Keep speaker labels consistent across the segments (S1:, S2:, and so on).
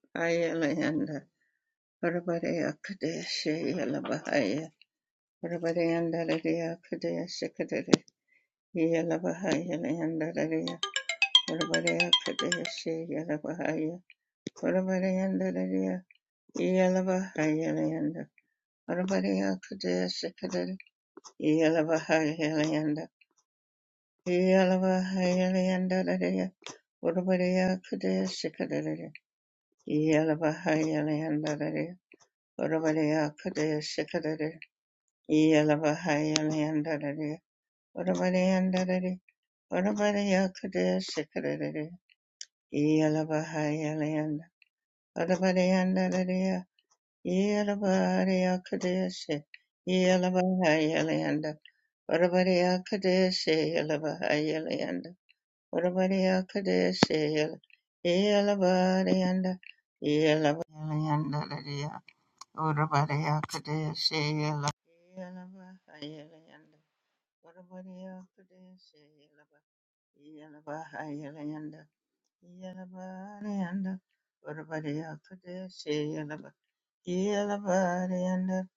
S1: Yalabahayalayanda Rabadaya Kadeshi Yalabahaya Rabadayanda Radaya Kadeshi Kadere Yalabahayalayanda Radaya Rabadaya Kadeshi Yalabahaya Rabadayanda Radaya Yalabahayalayanda Rabadaya Kadeshi Kadere Yalabahayalayanda Yalabahayalayanda Radaya Rabadaya Kadeshi Kadere Yalabahayalayanda Urabaleya Kadaya Shikadari Yalabahaya Leandari Urabaleandari Urabaleya Kadaya Shikadari Yalabahaya Leanda Urabaleandari Yalabahaya Kadaya Shi Yalabahaya Leanda Urabaleya Kadaya Shi Yalabahaya Leanda Urabaleya Kadaya Shi Yalabahaya Leanda Yalabahaya Leanda, Urabadiya Kadeshi Yelaba Yelayanda Urabadiya Kadeshi Yelaba Yelaba Yelayanda Yelaba Yanda Urabadiya Kadeshi Yelaba Yelaba Yanda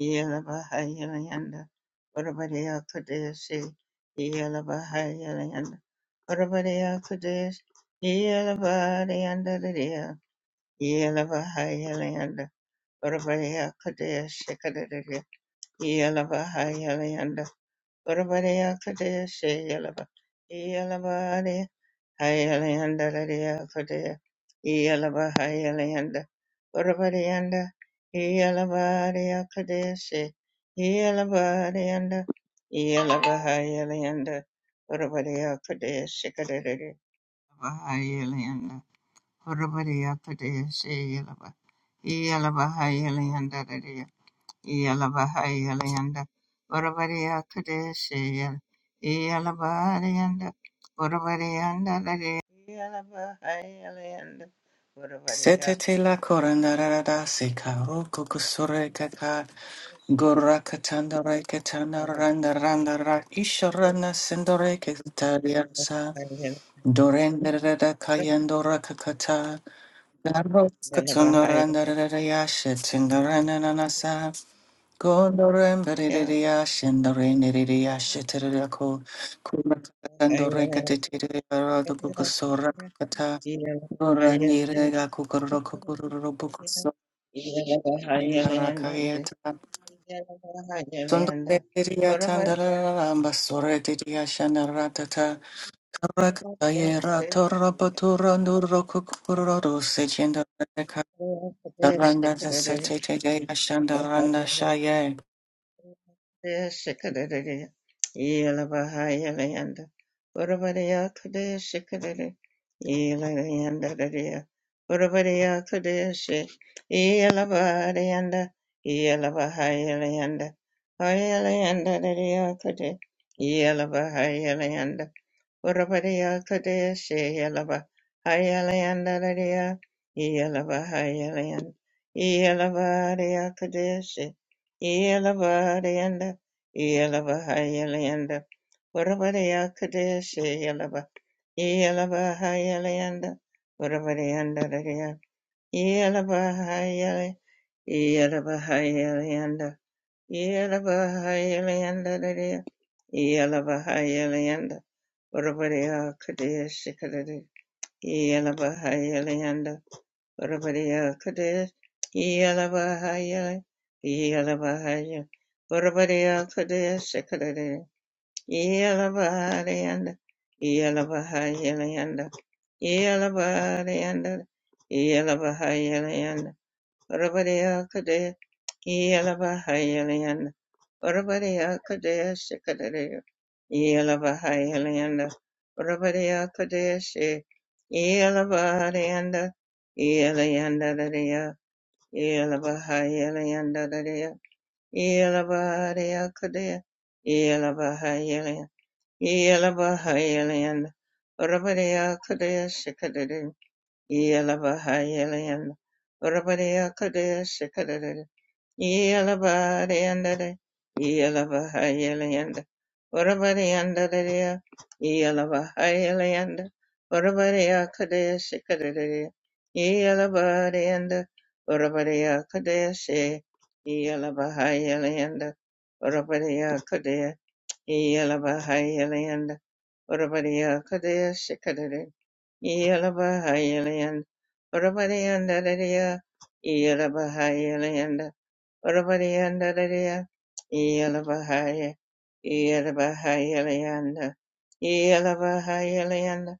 S1: Yelaba Yelayanda Urabadiya Kadeshi Yelaba Yelayanda Urabadiya Kadeshi Yelaba Yanda Yelaba Yelayanda Urabadiya Kadeshi Yalaba Hayalayanda Urabadaya Kadea Shayalaba Yalaba Hayalayanda Radia Kadea Yalaba Hayalayanda Urabadianda Yalaba Kadea Shay Yalaba Dianda Yalaba Hayalayanda Urabadaya Kadea Shikadere Hayalayanda Urabadaya Kadea Shayalaba Yalaba Hayalayanda Yalabahayalayanda Urabariya Kadeshiya Yalabahayalayanda Urabariyanda Yalabahayalayanda Urabariya
S2: Setete la
S1: Kadeshiya
S2: korandarada seka roko kusure kaka gora katanda re katanda randa randa ra isharana sendore ketariasa dorendera kayandora kakata garo katanda randa randa
S1: Yalabahayalayanda
S2: yashe tindarana nanasa Gondoremberidia, Shindarindia, Shitirako, Kumakandoreka, Titiria, Oranirega
S1: Thank
S2: kukururu kukururu bukuso indara kayeta. Sondore diria tandarara basore diria shandaratata. Karakayera torabatura nuro kukururu sechindaraka. Karanda sete tegaya shandaranda
S1: you.
S2: shaye.
S1: Shikadadadi, Yelabahayalayanda, Urabadiya Kadeshi Kadadi, Yelayanda Dadiya, Urabadiya Kadeshi, Yelabadianda, Yelabahayalayanda, Hayalayanda Dadiya Kadi, Yelabahayalayanda, Urabadiya Kadea Sheyalava Hayalayandaria Yelava Hayalayan Yelavadiya Kadea She Yelavadianda Yelava Hayalayanda Urabadiya Kadea Sheyalava Yelava Hayalayanda Urabadiyandaria Yelava Hayalay Yelava Hayalayanda Yelava Hayalayanda Yelava Hayalayanda Urabariya Kadesh Kadari Yalabahayalanda Urabariya Kadesh Yalabahayal Yalabahayal Urabariya Kadesh Kadari Yalabahayalanda Yalabahayalanda Yalabahayalanda Yalabahayalanda Orabariya Kadea Yalabahayalayanda Orabariya Kadea Sikadare Yalabahayalayanda Orabariya Kadea Se Yalabahayalayanda Yalayanda Darea Yalabahayalayanda Darea Yalabahaya Kadea Yalabahayalayanda Yalabahayalayanda Orabariya Kadea Yelabahayalayanda. Orabariyakade shikadadada. Yelabariyandada. Yelabahayalayanda. Orabariyandadadaya. Yelabahayalayanda. Orabariyakade shikadadada. Yelabariyanda. Orabariyakade she. Yelabahayalayanda. Orabariyakade. Yelabahayalayanda. Orabariyakade shikadadada. Yelabahayalayanda, Orabariyandadariya, Yelabahayalayanda, Orabariyandadariya, Yelabahaya, Yelabahayalayanda, Yelabahayalayanda,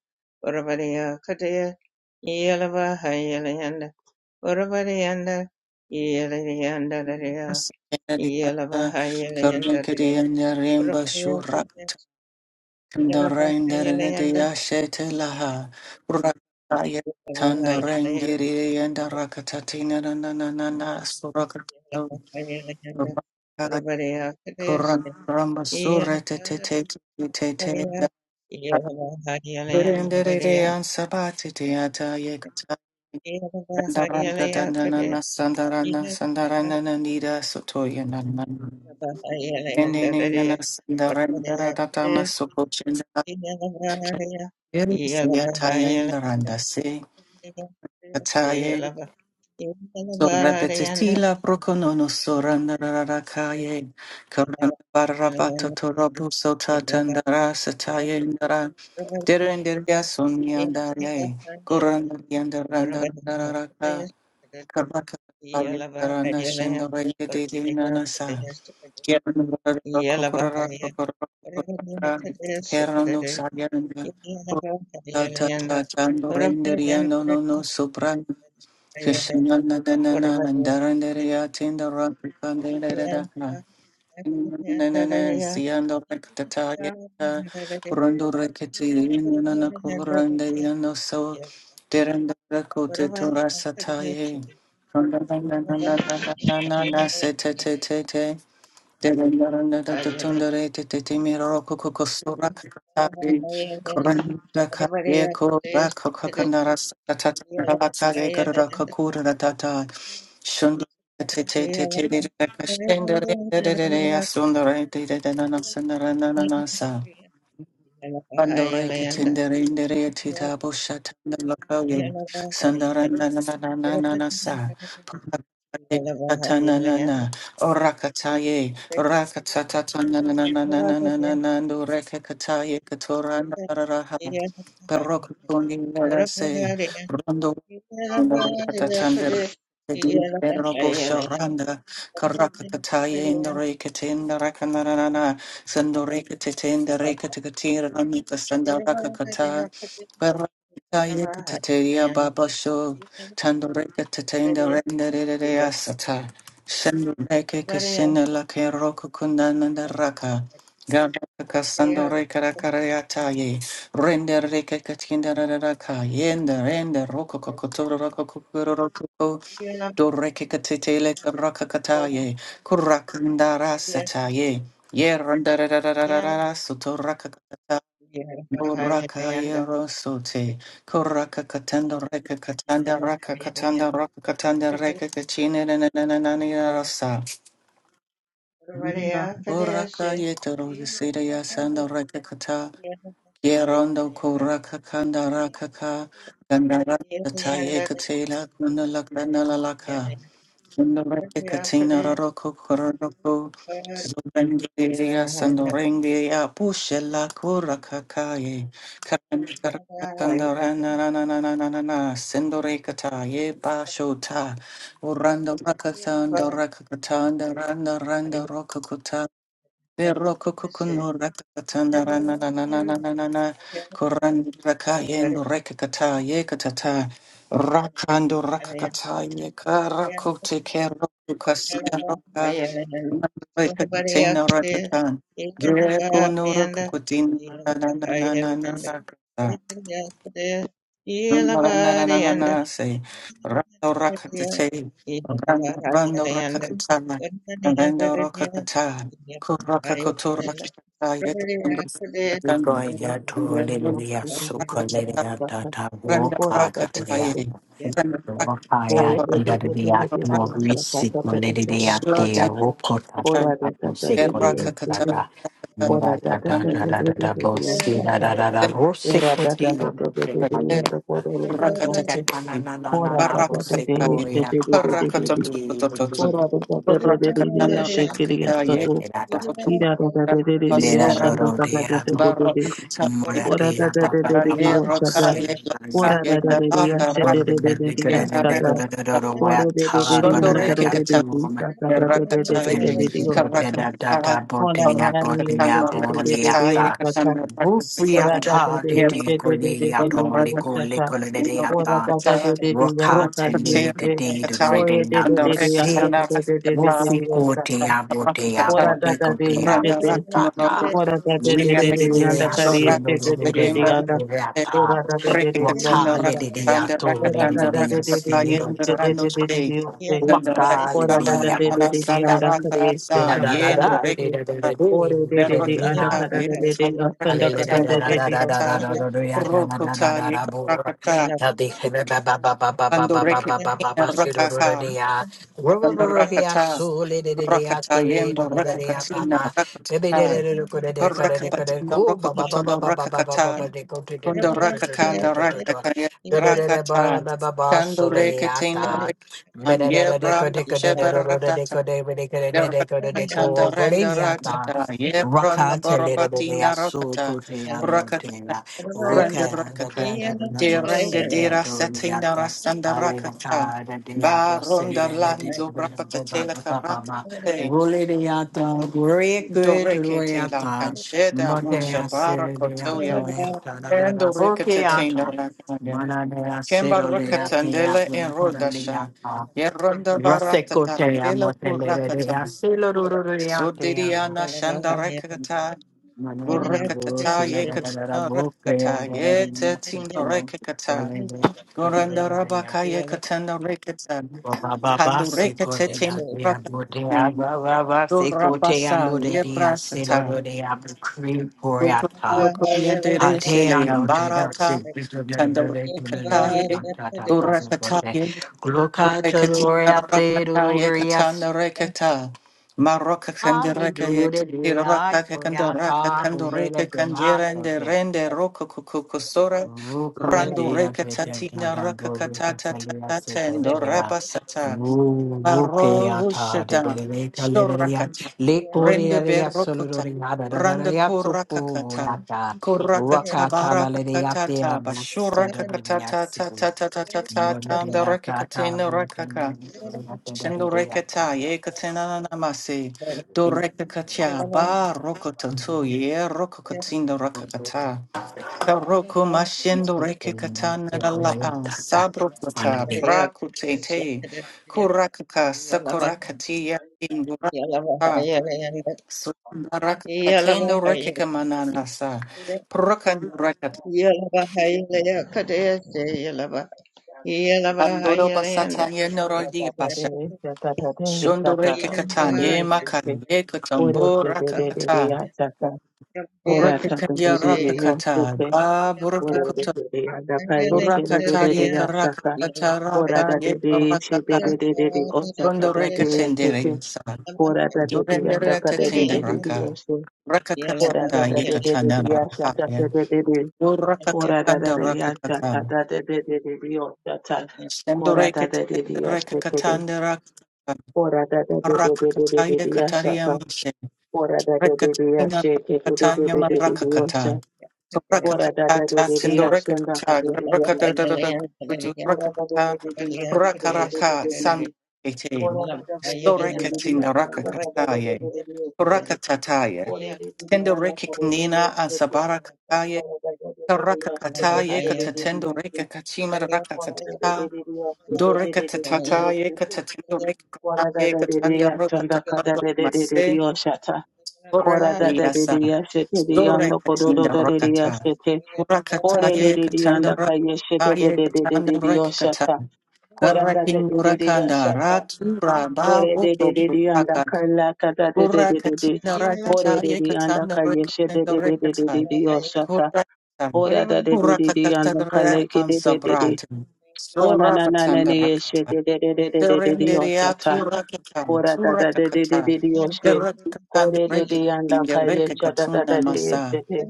S1: Orabariyakadaya, Yelabahayalayanda, Orabariyanda, Yelayandadariya,
S2: Kurdinkiri
S1: Yelabahayalayandadariya,
S2: and Rimba
S1: Orabariyakadaya, Yelabahayalayanda,
S2: Dorenderegedeyashetelaha. Rakaya tandarengiri and the rakatatina na na na na na surakato.
S1: Yeah.
S2: Rakaya kuran ramasura te te te te te te. Renderede ansabati teata yekata. Sandaranga danana sandarana sandarana nida sotoya nana. Nene nene sandaranga datama Eres yataya indaranda se kataye so repetitila prokonono sorandararakaye karanabarabato torobu sota tandara sataye indara derenderia
S1: Yeah.
S2: sonyandaye korandaryandarandararaka karbaka Darana Shendavaya Devinanasa Kerala Kokorara Kokorara Kokorara Kerala no Sayaranda Tata Tando Renderia no no no Supran Krishnana Danana and Darandaria Tinda Rakanda Nana Siando Rekataya Rondo Rekati Nana Korandaria no so Deranda Rakote Torasataye Nana Nana Nana Nana Nana Nana Thank you. Pandore katendere indere tita boshata nalokoye sandarana na na na na na sa Katana na na orakataye rakatata na na na na na na na na na no rekataye katora na raha Baroko toni nara se
S1: Yeah.
S2: Venerable Sharanda, Karakataya in the Rekatin, the Rakanarana, Sandorekatin, the Rekatikatir, Amita Sandarakakata, Verakataya Katatia Babasho, Tandorekatin, the Renderea Sata, Sandoreke Kashina Lake Rokukunda Nandaraka, Gabaka Sandorekarakarayataye. Render reke katinda da da da ka yenda render roko kokotoro roko kokoro roko ko do reke katete le raka kataye kurakanda rasata ye ye randa da da da
S1: Iya,
S2: soto raka kata
S1: iya
S2: no
S1: bahaya
S2: raka ye
S1: Yanda.
S2: rosote kuraka katanda reke
S1: Yeah.
S2: katanda raka katanda raka katanda reke kachine na na na na na na rasa Uraka yasanda reke kata Yerondo koraka kanda raka ka gandara taye katela kunala kanala laka kunala katina raroko koroko zubandiria sandorengi ya pushela koraka kaye kandara kandara na na na na na na na na sendore kataye bashota urando raka kanda raka katanda randa randa Roka Rakando
S1: Yeah.
S2: rakakata ye karakote kerokukaseroka manrekatina rakatan. Greco no rakakutin na na na na na na na. Say, Rando Rakatate, Rando Rando Rakakatana, Rando Rakakata, Kuraka Koturakata, Rando
S3: Mira,
S4: Kira da da da da da da
S2: Rakatan, and then
S4: da da da
S2: Rakata,
S4: da da da.
S2: Randa
S4: Kora da da da
S2: Rakataye, Randa Rakatan, Rakatan, Rakatan, Rakatan, Rakatan, then Rakatan, Rakatataye, Barakataye, Rakatanda Rekata Yet Basura Barakata
S3: Moratia
S4: da
S3: Papa
S4: da
S2: Rakaye
S4: da
S3: Papa
S4: da da.
S2: Rakaye
S3: Silvia
S4: Ora da da
S2: Lakaye
S4: da dia,
S2: Lavata
S4: se
S3: or
S4: de
S3: the
S4: de de de
S2: Rakaya
S4: dia,
S3: Nicodelia
S4: kaka. Ora de de de dia, na
S2: Shondore
S4: kara de
S2: Kikata
S4: de de,
S3: Yakar
S4: kaka da da de de de de
S3: Wakale
S2: Rakataye
S4: de de, kaka.
S2: Karakataye
S4: Ora na na de, se
S2: Rakatana
S4: de de de de de,
S2: Rakatataye
S4: kaka.
S2: Katana
S4: Ora
S2: Rakatatan
S4: da da de,
S2: Yero
S4: se de de de de de
S2: Katana
S4: de,
S2: Rakatino
S4: kaka. Ora da da de
S2: Rakata
S4: de dia, na kara de
S2: Rokataye
S4: de.
S2: Rakataye
S4: Oye de de
S2: and the
S4: de dia, na kara de de de de
S2: Rakatana
S4: de, kaka. Ora
S2: Rakatata,
S4: da da de, se
S2: Randa
S4: de.
S2: Rakno Nordo,
S4: Ora da da de
S2: Shiria,
S4: de de dia, na kara de de de
S2: Shorakataya,
S4: de anda.
S2: Mbarikate,
S4: Ora da da de, de de,
S2: Rekatino
S4: kaka.
S2: Rakatanda,
S4: Ora da
S2: Rakatanda,
S4: da de de de
S2: Rakataya,
S4: de ashe de
S2: Rando
S4: de de de
S2: Shay,
S4: de ose.
S2: Danda
S4: Ora da
S2: Rakatanda,
S4: da de de
S2: Ramana
S4: de de
S3: de
S2: Sanda
S4: anda kare
S2: Randa
S3: Di
S4: este
S3: da
S4: da
S2: San,
S3: da da
S4: kata de
S2: Yendo
S3: da,
S4: de
S3: di
S4: de.
S3: da da
S2: Rekata,
S3: da di,
S4: Ore
S3: di
S4: de
S3: da
S4: de
S3: da
S4: de
S3: di na.
S4: anda
S2: Berrokata,
S4: kara de de de
S2: Yendo
S3: Hallelujah.
S4: asanda kata de
S2: Rakatanda,
S4: de de ose
S2: Rekata,
S4: de.
S1: Yeah.
S2: Rokota, Yekata,
S1: Yeah.
S2: Ando Rekatina Rakaha, Kanda rakata, rakata yembo rakakatina, rakata, rakapatina, rakakatona, rakakata, kondo rakakanda, rakakaya, rakata, kando rekatina, rakatan, ye branda sheba ratata, ye renda ratata, ye branda
S3: Rakata lere de mea
S2: borobatinda
S3: so kote
S2: rakata,
S3: amotea.
S2: Randa
S3: Oka da
S2: rakata.
S3: da da da da
S2: De ranga
S3: bose
S2: de
S3: ya to
S2: rasatina
S3: liata.
S2: rasanda
S3: Ale na
S2: rakata.
S3: ka da de ya
S2: Ba
S3: bose
S2: ronda
S3: le de
S2: lando
S3: da da da
S2: rapata
S3: ba
S2: tela
S3: ba ba ba
S2: karata
S3: ba.
S2: te.
S3: Rule de ya ta, glory good rule
S2: Doreke te
S3: ya
S2: la
S3: ta.
S2: cancheda un
S3: Mote ya se
S2: shabara
S3: le de ya to
S2: kotoya.
S3: ya ta da da da
S2: Rando
S3: boke
S2: rikata
S3: ya
S2: te la
S3: ta.
S2: rakaya.
S3: Mana de ya se
S2: Kemba
S3: lo le ya te ya
S2: rakatandele en
S3: budi da le ya
S2: rodasha.
S3: ta.
S2: Ye ronda
S3: Rase
S2: baratata.
S3: kote ya
S2: Yela
S3: mote lere de
S2: purakata.
S3: ya se lo ru ru ru ya te ya bo.
S2: Sodiriana shanda rakata.
S3: Manana bo
S2: Urakatata
S3: sila
S2: ye
S3: da da da da
S2: katina
S3: bo kaya
S2: rakata.
S3: bo da da
S2: Yete te
S3: yo se
S2: tinda
S3: ko
S2: rakata.
S3: wale bo da da
S2: Goranda
S3: da da ya
S2: rabakaya katana rekatan.
S3: ba ba ba ba
S2: Pandu
S3: se ko de na
S2: rekatetin
S3: de ya bo de ya
S2: rakatane.
S3: ba ba ba se ko te ya
S2: Surabasa
S3: bo de de ya se lo
S2: yebrasata.
S3: do de ya bo kri po ya ta
S2: Sototokoyende
S3: ha te ya
S2: resele
S3: no te da
S2: ambarata.
S3: se bi to de de
S2: Tanda
S3: de de de de ya ta ta ta ta bo ko te
S2: rekataye.
S3: gloka to
S2: Rekatina
S3: gloria te do
S2: rakata
S3: do
S2: ye
S3: do ya
S2: katana rekata. Maroka kandereka ye tatira
S3: Hallelujah,
S2: raka
S3: gloria
S2: kandaraka
S3: ta,
S2: kandoreka kandera and
S3: hallelujah,
S2: rende roka kukusora.
S3: Ruku
S2: Randu
S3: dera
S2: reka
S3: dera
S2: tatina
S3: kada
S2: raka
S3: bhove
S2: katata
S3: kasaliya se
S2: tatata and
S3: koteya.
S2: rabasata.
S3: Ruke ata de
S2: Barovushada,
S3: de de kale de de ya.
S2: Shorakata,
S3: Le kore
S2: Rende
S3: de ya solo
S2: Berokota,
S3: de de ya da da da da
S2: Randa
S3: ya suku
S2: Korakakata,
S3: ata.
S2: Korakata
S3: Raka tala le de ya te ya
S2: Barakakatata,
S3: musti de de ya
S2: Bashurakakatata,
S3: suku.
S2: Tata, Tata, Tata,
S3: Mon de
S2: Tanda
S3: ya ta ta
S2: Rekatena
S3: bhove de
S2: Rakaka,
S3: de ya da da da
S2: Shendo
S3: da ya
S2: Rekata,
S3: ta.
S2: Yekatena Namase,
S1: Yeah.
S2: Dorekakatia, Ba
S1: Yeah.
S2: Rokototo, Ye Rokokatina
S3: Mhm.
S2: Rakakata. Taroko mashendo reke katana
S3: Take
S2: la
S3: away,
S2: a
S3: ta
S2: sabro kata
S3: ta.
S2: prakutete kurakaka sakurakatia induraka sundaraka katendo reke kamanana sa prakanuraka andoro basata
S4: Ora da
S2: yenorogi
S4: da de
S2: basha
S4: este da da de este da
S2: shondo reke
S4: da de de
S2: katan
S4: de
S2: ye
S4: ose de.
S2: makan ye
S4: Ore
S2: katambo
S4: che de de de de
S2: rakakata
S4: asaka. Ora sa
S2: Rakata
S4: de
S2: ya
S4: de de de ose
S2: rakakata
S4: de.
S2: ga
S4: Ore de
S2: burukukuta
S4: de de anda kare este de de
S2: rakata
S4: de
S2: ye
S4: de asaka.
S2: karakata
S4: Ora
S2: raka
S4: da
S2: ye
S4: de de este de de
S2: karakaka
S4: de de de osaka
S2: Rondo
S4: da
S2: reka
S4: de este
S2: tendere
S4: de.
S2: yasa.
S4: Ora da
S1: Yeah.
S4: da da
S2: Dorende
S4: anda ka
S2: reka
S4: de de de de di
S2: tenderaka.
S4: osu.
S2: Raka
S4: Ora da
S2: katanda
S4: da de
S2: yeka
S4: de de
S2: chanda
S4: di asa ta
S2: rahapya.
S4: de de de de.
S2: O raka
S4: Ora da da
S2: katanda
S4: da
S2: raka
S4: asa ta
S2: katam.
S4: da de de de de di osa ta.
S2: Sendo
S4: Ora da
S2: reka
S4: da de
S2: tete
S4: di asa
S2: reka
S4: te de.
S2: katanda raka katam.
S4: Ora da da de de
S2: Raka
S4: de de de de
S2: kataya
S4: di asa ta.
S2: katariam.
S4: Ora da da de di
S2: Rekatina
S4: asa te de de de
S2: Katanya
S4: de de de di osa.
S2: Madrakakata. So
S4: Ora da da de
S2: Rakakata
S4: de di asa anda ka
S2: Sindorekata
S4: de de de de de de.
S2: Rakata
S4: Ora da da de
S2: Rakata
S4: de di asa te de de de
S2: Rakaraka
S4: de de
S2: Sand
S4: de.
S2: eighteen.
S4: Ora da da de de de de de di
S2: Storekatinda
S4: asa anda ka da da da da
S2: Rakakataye.
S4: de de. yasha. Kora
S2: Rakatataye. Tindorekinina and Sabarakataye. Karakakataye katatendo rekakachima rakakata. Dorekatataye katatendo rekataye katanda rokatata Korekariasa, Sore Katinda Rakata, Urakataye Katanda Rakataye Katanda Rekata, Garakin Urakanda, Ratu Raba,
S4: Ore de de
S2: Voto
S4: de de anda
S2: Raka,
S4: kala kata de de de de de.
S2: Urakatina
S4: Ore de
S2: Rakataye
S4: de anda
S2: Katanda
S4: kaya she de de de
S2: Rekatanda
S4: de de de
S2: Rekata,
S4: de oshata.
S2: Kurakata,
S4: Ora da de de de de anda kala
S2: Urakatata
S4: ke de de de de.
S2: Ansabrata,
S4: Kona
S2: Sora
S4: na na na
S2: Patanda
S4: ne she
S2: Rakata.
S4: de de de de de de de de
S2: Serenderia
S4: oshata.
S2: turakatan,
S4: Kora da da de de de
S2: turakatan,
S4: de de oshe.
S2: verakatan de
S4: Kore de de
S2: rekitin
S4: anda
S2: de
S4: kaya shata da
S2: rekikatuna
S4: da da de she
S2: masa,
S4: de.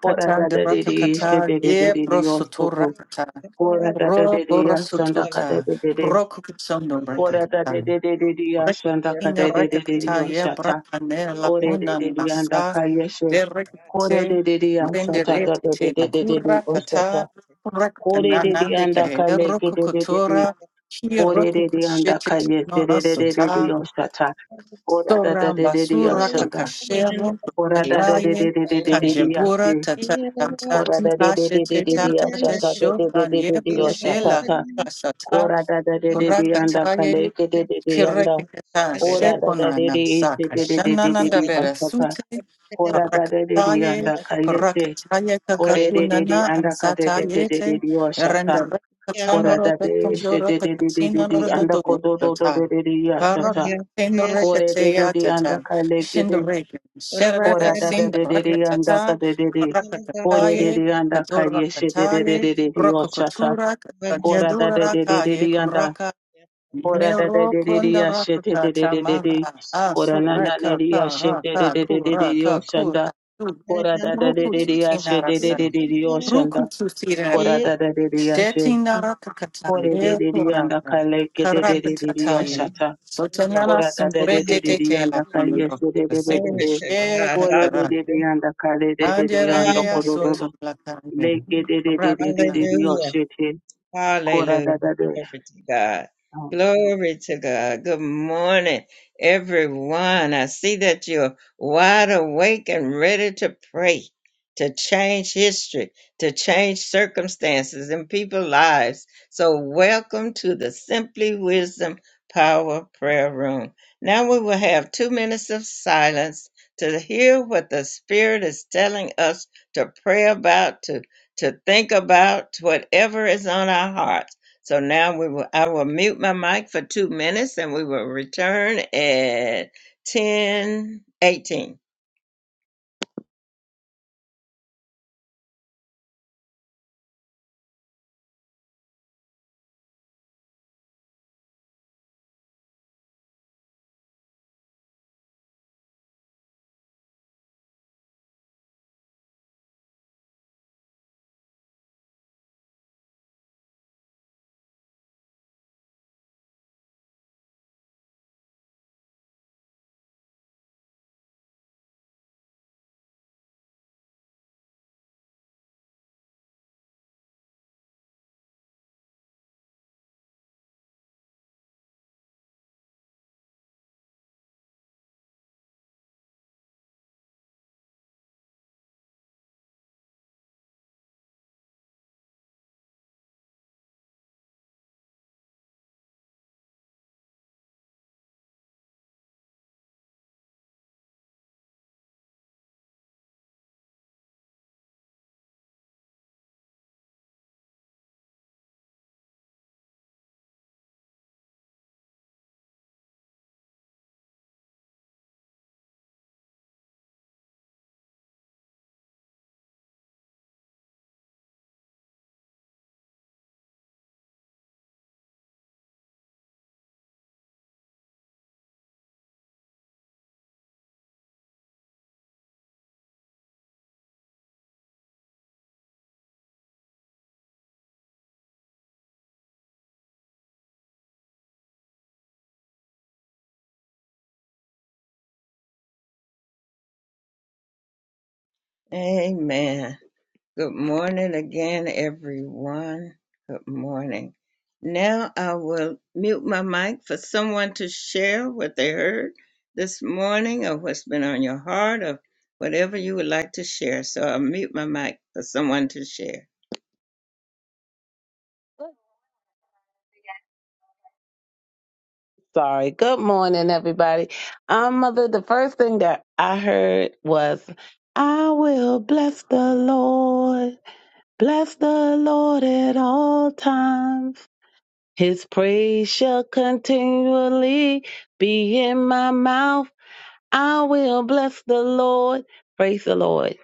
S4: Ora da
S2: de
S4: da de de she de
S2: rakakata,
S4: de de
S2: ye
S4: de de oshoto.
S2: prosuturakata,
S4: Kora da da de
S2: ro
S4: de ashanda kata
S2: borasututa,
S4: de de de.
S2: rokukitsondo
S4: Ora da de
S2: rekikata.
S4: de de de de ashanda
S2: Rekitinga
S4: kata de de de de
S2: rekatata ye
S4: oshata.
S2: brakane la
S4: Ore de
S2: kuna
S4: de de anda
S2: nasa
S4: kayeshe.
S2: de
S4: Kore
S2: rekite
S4: de de de ansa ta ta
S2: renderete
S4: de de
S2: te la
S4: de de de de
S2: cura
S4: ostata.
S2: kata
S4: Kore de de
S2: rekatanande ke
S4: anda kaleke de de de de.
S2: rokukutura ki
S4: Ore de de anda
S2: rokikushete
S4: kayeshe
S2: no
S4: de de de de de
S2: asota
S4: ostata. Ora
S1: I am.
S4: da da
S2: sora
S4: de de de
S1: Yes.
S2: basura
S4: ashanda.
S2: kakashero
S4: Ora da da de
S2: danaye
S4: de de de de de de
S2: kanjebura
S4: ase.
S2: tata tata
S4: Ora da de
S2: tipa
S4: de de de
S2: shete
S4: de de
S2: tata
S4: ashata de
S2: tesho
S4: de de de
S2: kanye
S4: de de
S2: pushe
S4: ostata
S2: la
S4: ta.
S2: kura sata
S4: Ora da da de de
S2: kura
S4: de anda kaleke de de de anda.
S2: Kirekita
S4: Ora da da de de
S2: Sheponana
S4: ishe
S2: Saka
S4: de de de de de de
S2: Shanananda
S4: ostata.
S2: Berasute
S4: Ora da de de de
S2: Parakataye
S4: anda kayete.
S2: Parakataye
S4: Ore de de de
S2: Kakakunana and
S4: anda kade de de de de
S2: Satayete
S4: de oshata.
S2: Renda
S4: Ora da
S2: Katsanoroka
S4: de she de
S2: Kanjoroka
S4: de de de de de
S2: Katsinorota
S4: anda kodo do do
S2: Dorota
S4: do de de yashata.
S2: Parakatino
S4: Kore de de
S2: Rekatea
S4: de anda
S2: Tata
S4: kale kede.
S2: Shindoreka Sherada
S4: Ora da da de de de anda
S2: Sindarakatata
S4: kade de de. Ore de
S2: Parakataye
S4: de anda
S2: kadora
S4: kaye she de de de
S2: Kadorakataye
S4: de de de oshata.
S2: Rokokotura
S4: Ora da
S2: Kajadura
S4: de de de de de anda.
S2: Rakaye
S4: Ora da de
S2: Mero
S4: de de de
S2: konda
S4: yashete de
S2: rakata
S4: de de de de.
S2: tamara
S4: Ora na
S2: asura
S4: na ne de
S2: kata
S4: yashete de
S2: raka
S4: de de de de
S2: kura
S4: de oshanda.
S2: kakura tu
S4: Kora da da de de de
S2: rukutu
S4: yashe de de de
S2: tinarasa
S4: de de yoshanda.
S2: rukutu
S4: Kora
S1: He
S2: tirata
S4: da da de de yashe.
S2: shetina rakata
S4: Kore de de de yanda
S2: leporata
S4: kale ke de de de de
S2: karakata
S4: de
S2: taye
S4: yoshata.
S1: Hallelujah.
S2: sotanana
S4: Kora da da de de
S2: sindurete
S4: de
S1: Hallelujah.
S4: de
S2: tete la
S4: yanda kale
S2: kondo
S4: yeshe de de de de
S2: seke
S1: Glory
S4: de.
S1: to
S2: she
S1: God.
S4: Kore de
S2: kakaraka
S4: de de
S1: Hallelujah.
S4: yanda kale de de de yanda
S2: anjerere
S4: koro
S1: Hallelujah.
S4: do
S2: asoto
S4: do.
S2: la kaye
S4: Le ke de de de de de de
S2: karakata
S4: de
S1: Hallelujah.
S4: yoshe Kora
S1: Hallelujah.
S4: da da de.
S1: Glory to God.
S4: Hallelujah.
S1: Glory to God. Good morning, everyone. I see that you're wide awake and ready to pray, to change history, to change circumstances and people's lives. So, welcome to the Simply Wisdom Power Prayer Room. Now, we will have two minutes of silence to hear what the Spirit is telling us to pray about, To to think about whatever is on our hearts. So now we will, I will mute my mic for two minutes and we will return at ten eighteen. Amen. Good morning again, everyone. Good morning. Now I will mute my mic for someone to share what they heard this morning or what's been on your heart or whatever you would like to share. So I'll mute my mic for someone to share.
S4: Sorry. Good morning, everybody. Um, mother, the first thing that I heard was, I will bless the Lord Bless the Lord at all times. His praise shall continually be in my mouth. I will bless the Lord. Praise the Lord.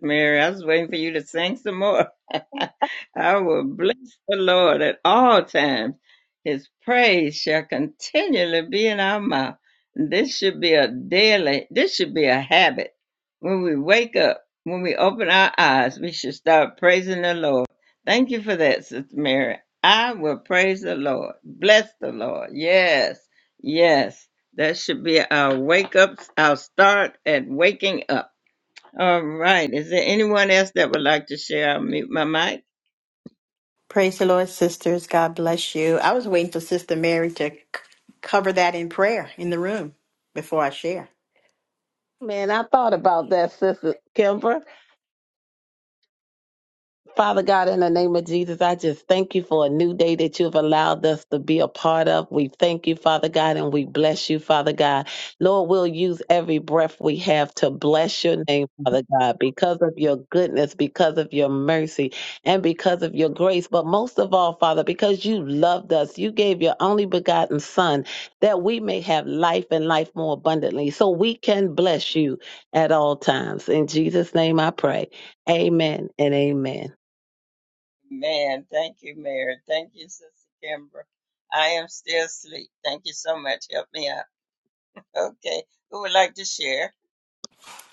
S1: Mary. I was waiting for you to sing some more. I will bless the Lord at all times. His praise shall continually be in our mouth. This should be a daily, this should be a habit. When we wake up, when we open our eyes, we should start praising the Lord. Thank you for that, Sister Mary. I will praise the Lord. Bless the Lord. Yes, yes. That should be our wake up, our start at waking up all right. Is there anyone else that would like to share? I'll mute my mic.
S3: Praise the Lord, sisters. God bless you. I was waiting for Sister Mary to c- cover that in prayer in the room before I share.
S4: Man, I thought about that, Sister Kimber. Father God, in the name of Jesus, I just thank you for a new day that you've allowed us to be a part of. We thank you, Father God, and we bless you, Father God. Lord, we'll use every breath we have to bless your name, Father God, because of your goodness, because of your mercy, and because of your grace. But most of all, Father, because you loved us, you gave your only begotten Son that we may have life and life more abundantly. So we can bless you at all times. In Jesus' name I pray. Amen and amen
S1: Man, thank you, Mary. Thank you, Sister Kimbra. I am still asleep. Thank you so much. Help me out. Okay. Who would like to share?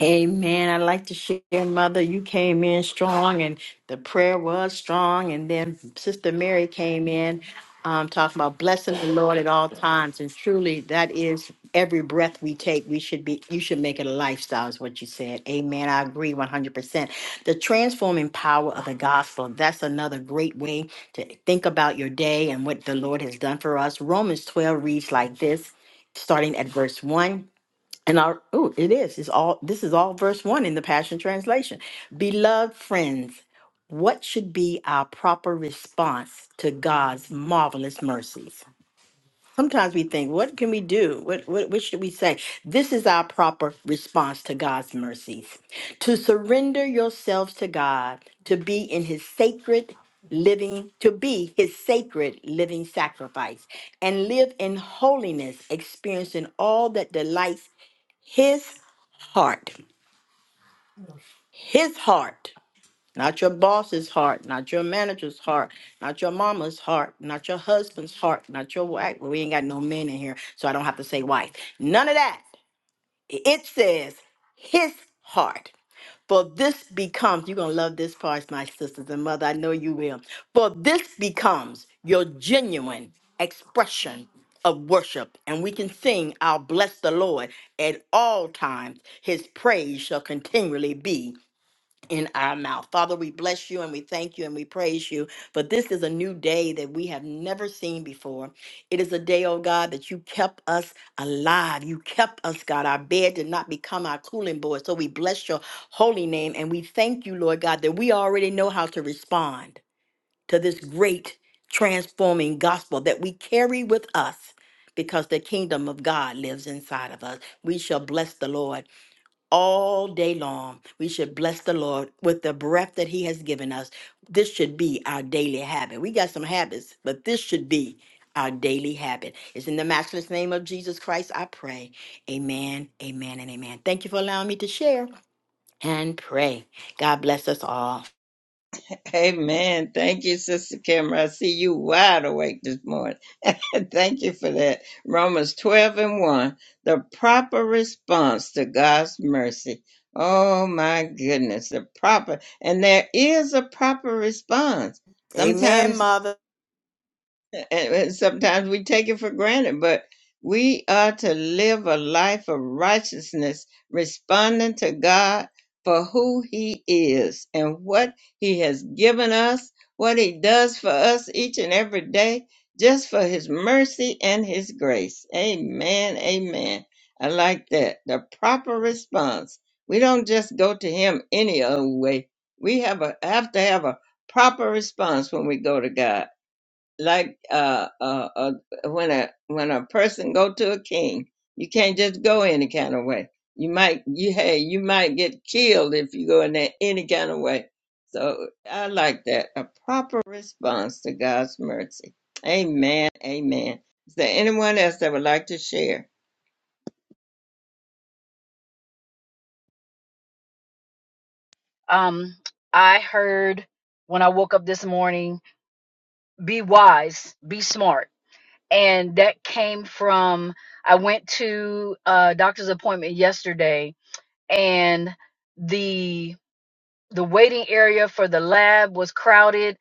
S3: Amen. I'd like to share, Mother, you came in strong and the prayer was strong. And then Sister Mary came in um, talking about blessing the Lord at all times. And truly, that is every breath we take. We should be, you should make it a lifestyle, is what you said. Amen. I agree 100%. The transforming power of the gospel, that's another great way to think about your day and what the Lord has done for us. Romans 12 reads like this, starting at verse 1. And our oh, it is. It's all this is all verse one in the Passion Translation. Beloved friends, what should be our proper response to God's marvelous mercies? Sometimes we think, what can we do? What, what, what should we say? This is our proper response to God's mercies to surrender yourselves to God, to be in His sacred living, to be His sacred living sacrifice, and live in holiness, experiencing all that delights His heart. His heart. Not your boss's heart, not your manager's heart, not your mama's heart, not your husband's heart, not your wife. Well, we ain't got no men in here, so I don't have to say wife. None of that. It says his heart. For this becomes, you're going to love this part, my sisters and mother. I know you will. For this becomes your genuine expression of worship. And we can sing, I'll bless the Lord at all times. His praise shall continually be in our mouth. Father, we bless you and we thank you and we praise you. For this is a new day that we have never seen before. It is a day, oh God, that you kept us alive. You kept us, God. Our bed did not become our cooling board. So we bless your holy name and we thank you, Lord God, that we already know how to respond to this great transforming gospel that we carry with us. Because the kingdom of God lives inside of us. We shall bless the Lord all day long. We should bless the Lord with the breath that He has given us. This should be our daily habit. We got some habits, but this should be our daily habit. It's in the matchless name of Jesus Christ I pray. Amen, amen, and amen. Thank you for allowing me to share and pray. God bless us all.
S1: Amen. Thank you, Sister Kimbra. I see you wide awake this morning. thank you for that. Romans 12 and 1. The proper response to God's mercy. Oh my goodness, the proper, and there is a proper response. Sometimes
S3: Amen, Mother.
S1: and, and sometimes we take it for granted, but we are to live a life of righteousness, responding to God for who He is and what He has given us, what He does for us each and every day, just for His mercy and His grace. Amen. Amen. I like that. The proper response. We don't just go to Him any old way. We have a, have to have a proper response when we go to God like uh, uh, uh, when a when a person go to a king, you can't just go any kind of way. You might you hey you might get killed if you go in there any kind of way. So I like that a proper response to God's mercy. Amen. Amen. Is there anyone else that would like to share?
S5: Um, I heard when I woke up this morning, be wise, be smart. And that came from, I went to a doctor's appointment yesterday and the the waiting area for the lab was crowded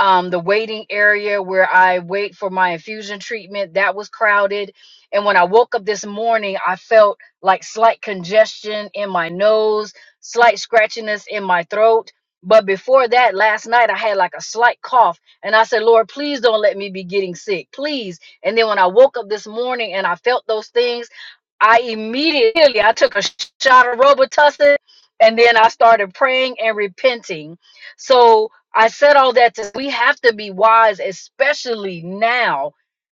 S5: um, the waiting area where i wait for my infusion treatment that was crowded and when i woke up this morning i felt like slight congestion in my nose slight scratchiness in my throat but before that last night i had like a slight cough and i said lord please don't let me be getting sick please and then when i woke up this morning and i felt those things i immediately i took a shot of robitussin and then I started praying and repenting. So I said all that to we have to be wise, especially now,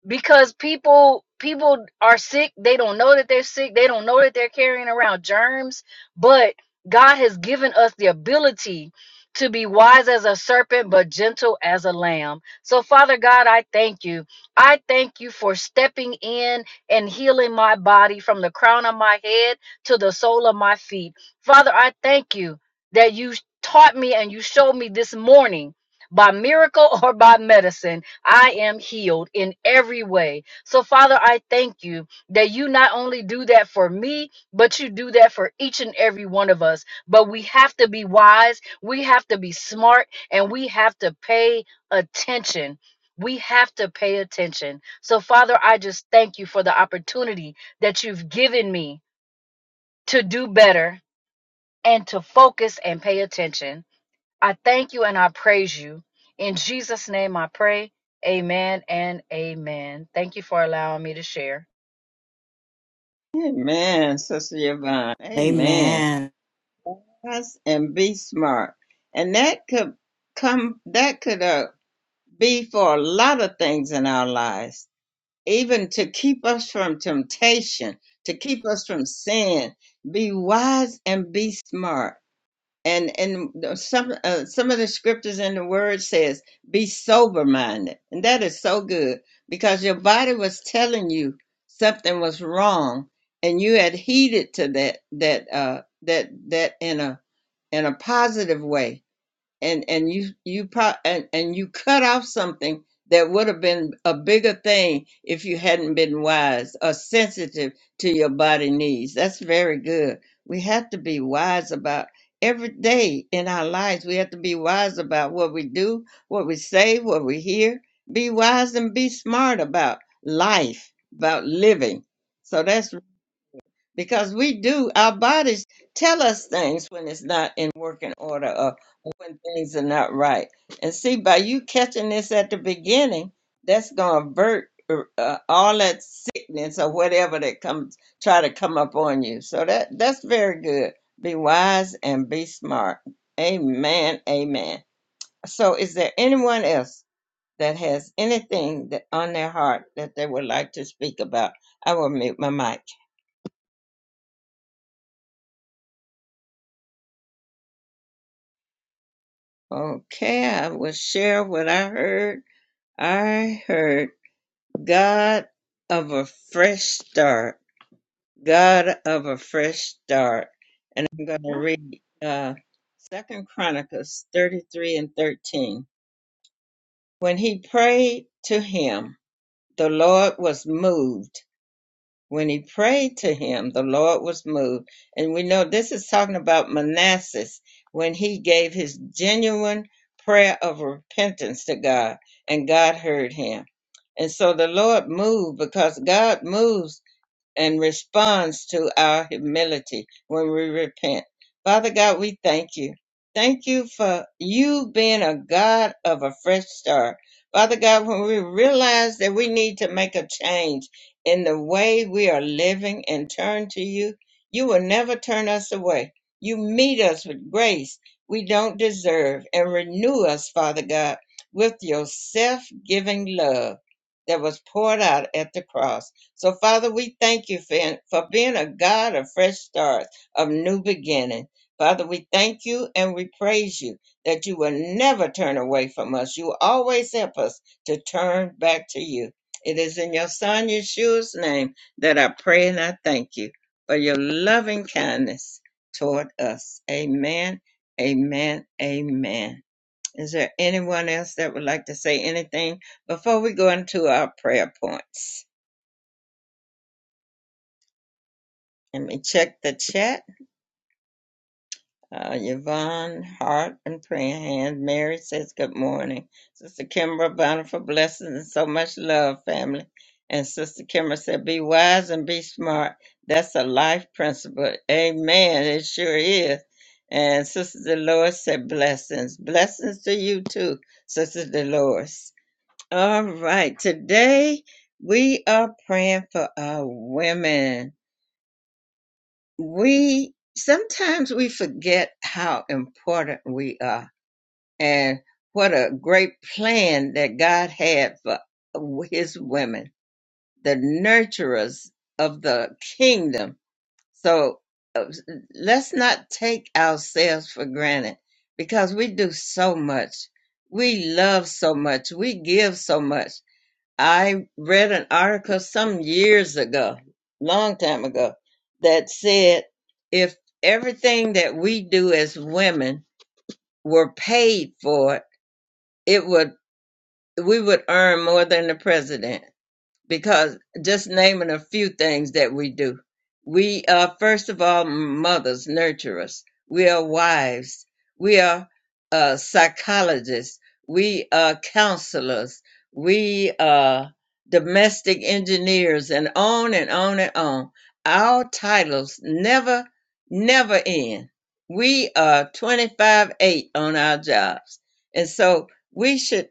S5: because people people are sick. They don't know that they're sick. They don't know that they're carrying around germs. But God has given us the ability to be wise as a serpent, but gentle as a lamb. So, Father God, I thank you. I thank you for stepping in and healing my body from the crown of my head to the sole of my feet. Father, I thank you that you taught me and you showed me this morning. By miracle or by medicine, I am healed in every way. So, Father, I thank you that you not only do that for me, but you do that for each and every one of us. But we have to be wise, we have to be smart, and we have to pay attention. We have to pay attention. So, Father, I just thank you for the opportunity that you've given me to do better and to focus and pay attention. I thank you and I praise you. In Jesus' name I pray. Amen and amen. Thank you for allowing me to share.
S1: Amen, Sister Yvonne. Amen.
S3: Amen.
S1: Us and be smart, and that could come. That could. uh. be for a lot of things in our lives, even to keep us from temptation, to keep us from sin. Be wise and be smart. And and the- some uh, some of the scriptures in the Word says, "Be sober minded," and that is so good because your body was telling you something was wrong, and you had heeded to that that uh, that that in a in a positive way and and you you pro- and and you cut off something that would have been a bigger thing if you hadn't been wise or sensitive to your body needs. That's very good. We have to be wise about every day in our lives. We have to be wise about what we do, what we say, what we hear. Be wise and be smart about life, about living. So that's because we do our bodies tell us things when it's not in working order or when things are not right and see by you catching this at the beginning that's going to avert uh, uh, all that sickness or whatever that comes try to come up on you so that that's very good be wise and be smart amen amen so is there anyone else that has anything that on their heart that they would like to speak about i will mute my mic Okay, I will share what I heard. I heard God of a fresh start. God of a fresh start. And I'm going to read uh, 2 Chronicles 33 and 13. When he prayed to him, the Lord was moved When he prayed to him, the Lord was moved. And we know this is talking about Manassas when he gave his genuine prayer of repentance to God and God heard him. And so the Lord moved because God moves and responds to our humility when we repent. Father God, we thank you. Thank you for you being a God of a fresh start. Father God, when we realize that we need to make a change in the way we are living and turn to you, you will never turn us away. You meet us with grace we don't deserve and renew us, Father God, with your self giving love that was poured out at the cross. So, Father, we thank you for, for being a God of fresh starts, of new beginning. Father, we thank you and we praise you that you will never turn away from us. You always help us to turn back to you. It is in your Son Yeshua's name that I pray and I thank you for your loving kindness toward us. Amen, amen, amen. Is there anyone else that would like to say anything before we go into our prayer points? Let me check the chat. Uh, Yvonne, heart and praying hands. Mary says, Good morning. Sister Kimbra, bountiful blessings and so much love, family. And Sister Kimbra said, Be wise and be smart. That's a life principle. Amen. It sure is. And Sister Dolores said, Blessings. Blessings to you too, Sister Dolores. All right. Today we are praying for our women we sometimes we forget how important we are and what a great plan that God had for his women, the nurturers of the kingdom. So uh, let's not take ourselves for granted because we do so much. We love so much. We give so much. I read an article some years ago, long time ago, that said if everything that we do as women were paid for, it would we would earn more than the president because just naming a few things that we do. We are, first of all, mothers, nurturers. We are wives. We are uh, psychologists. We are counselors. We are domestic engineers, and on and on and on. Our titles never, never end. We are 25 8 on our jobs. And so we should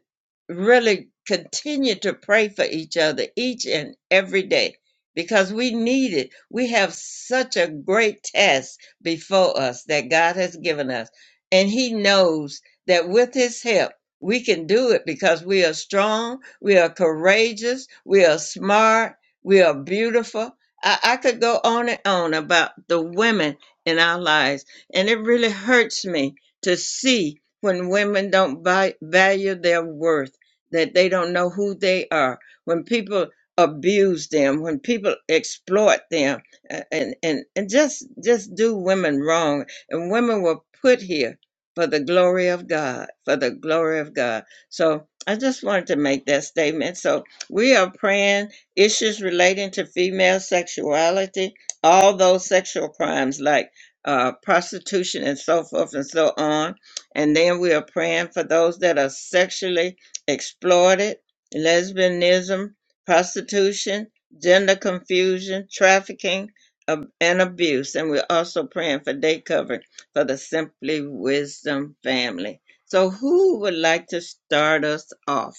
S1: really continue to pray for each other each and every day because we need it. We have such a great task before us that God has given us. And He knows that with His help, we can do it because we are strong, we are courageous, we are smart, we are beautiful. I, I could go on and on about the women in our lives. And it really hurts me to see when women don't vi- value their worth that they don't know who they are. When people abuse them, when people exploit them, a- and and and just just do women wrong, and women were put here for the glory of God, for the glory of God. So I just wanted to make that statement. So we are praying issues relating to female sexuality, all those sexual crimes like uh, prostitution and so forth and so on. And then we are praying for those that are sexually exploited, lesbianism, prostitution, gender confusion, trafficking, ab- and abuse. And we're also praying for day covering for the Simply Wisdom family. So, who would like to start us off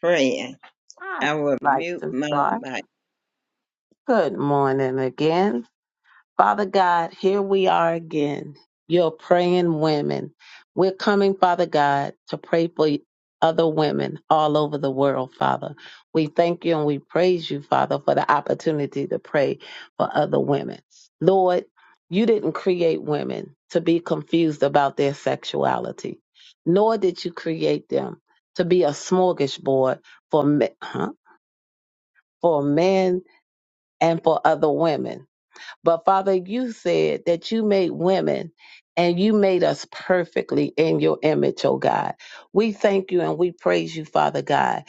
S1: praying? I will
S4: like
S1: mute
S4: to
S1: my
S4: start.
S1: mic.
S4: Good morning again. Father God, here we are again, your praying women. We're coming, Father God, to pray for other women all over the world, Father. We thank you and we praise you, Father, for the opportunity to pray for other women. Lord, you didn't create women to be confused about their sexuality, nor did you create them to be a smorgasbord for, me- huh, for men and for other women. But Father, you said that you made women and you made us perfectly in your image, oh God. We thank you and we praise you, Father God,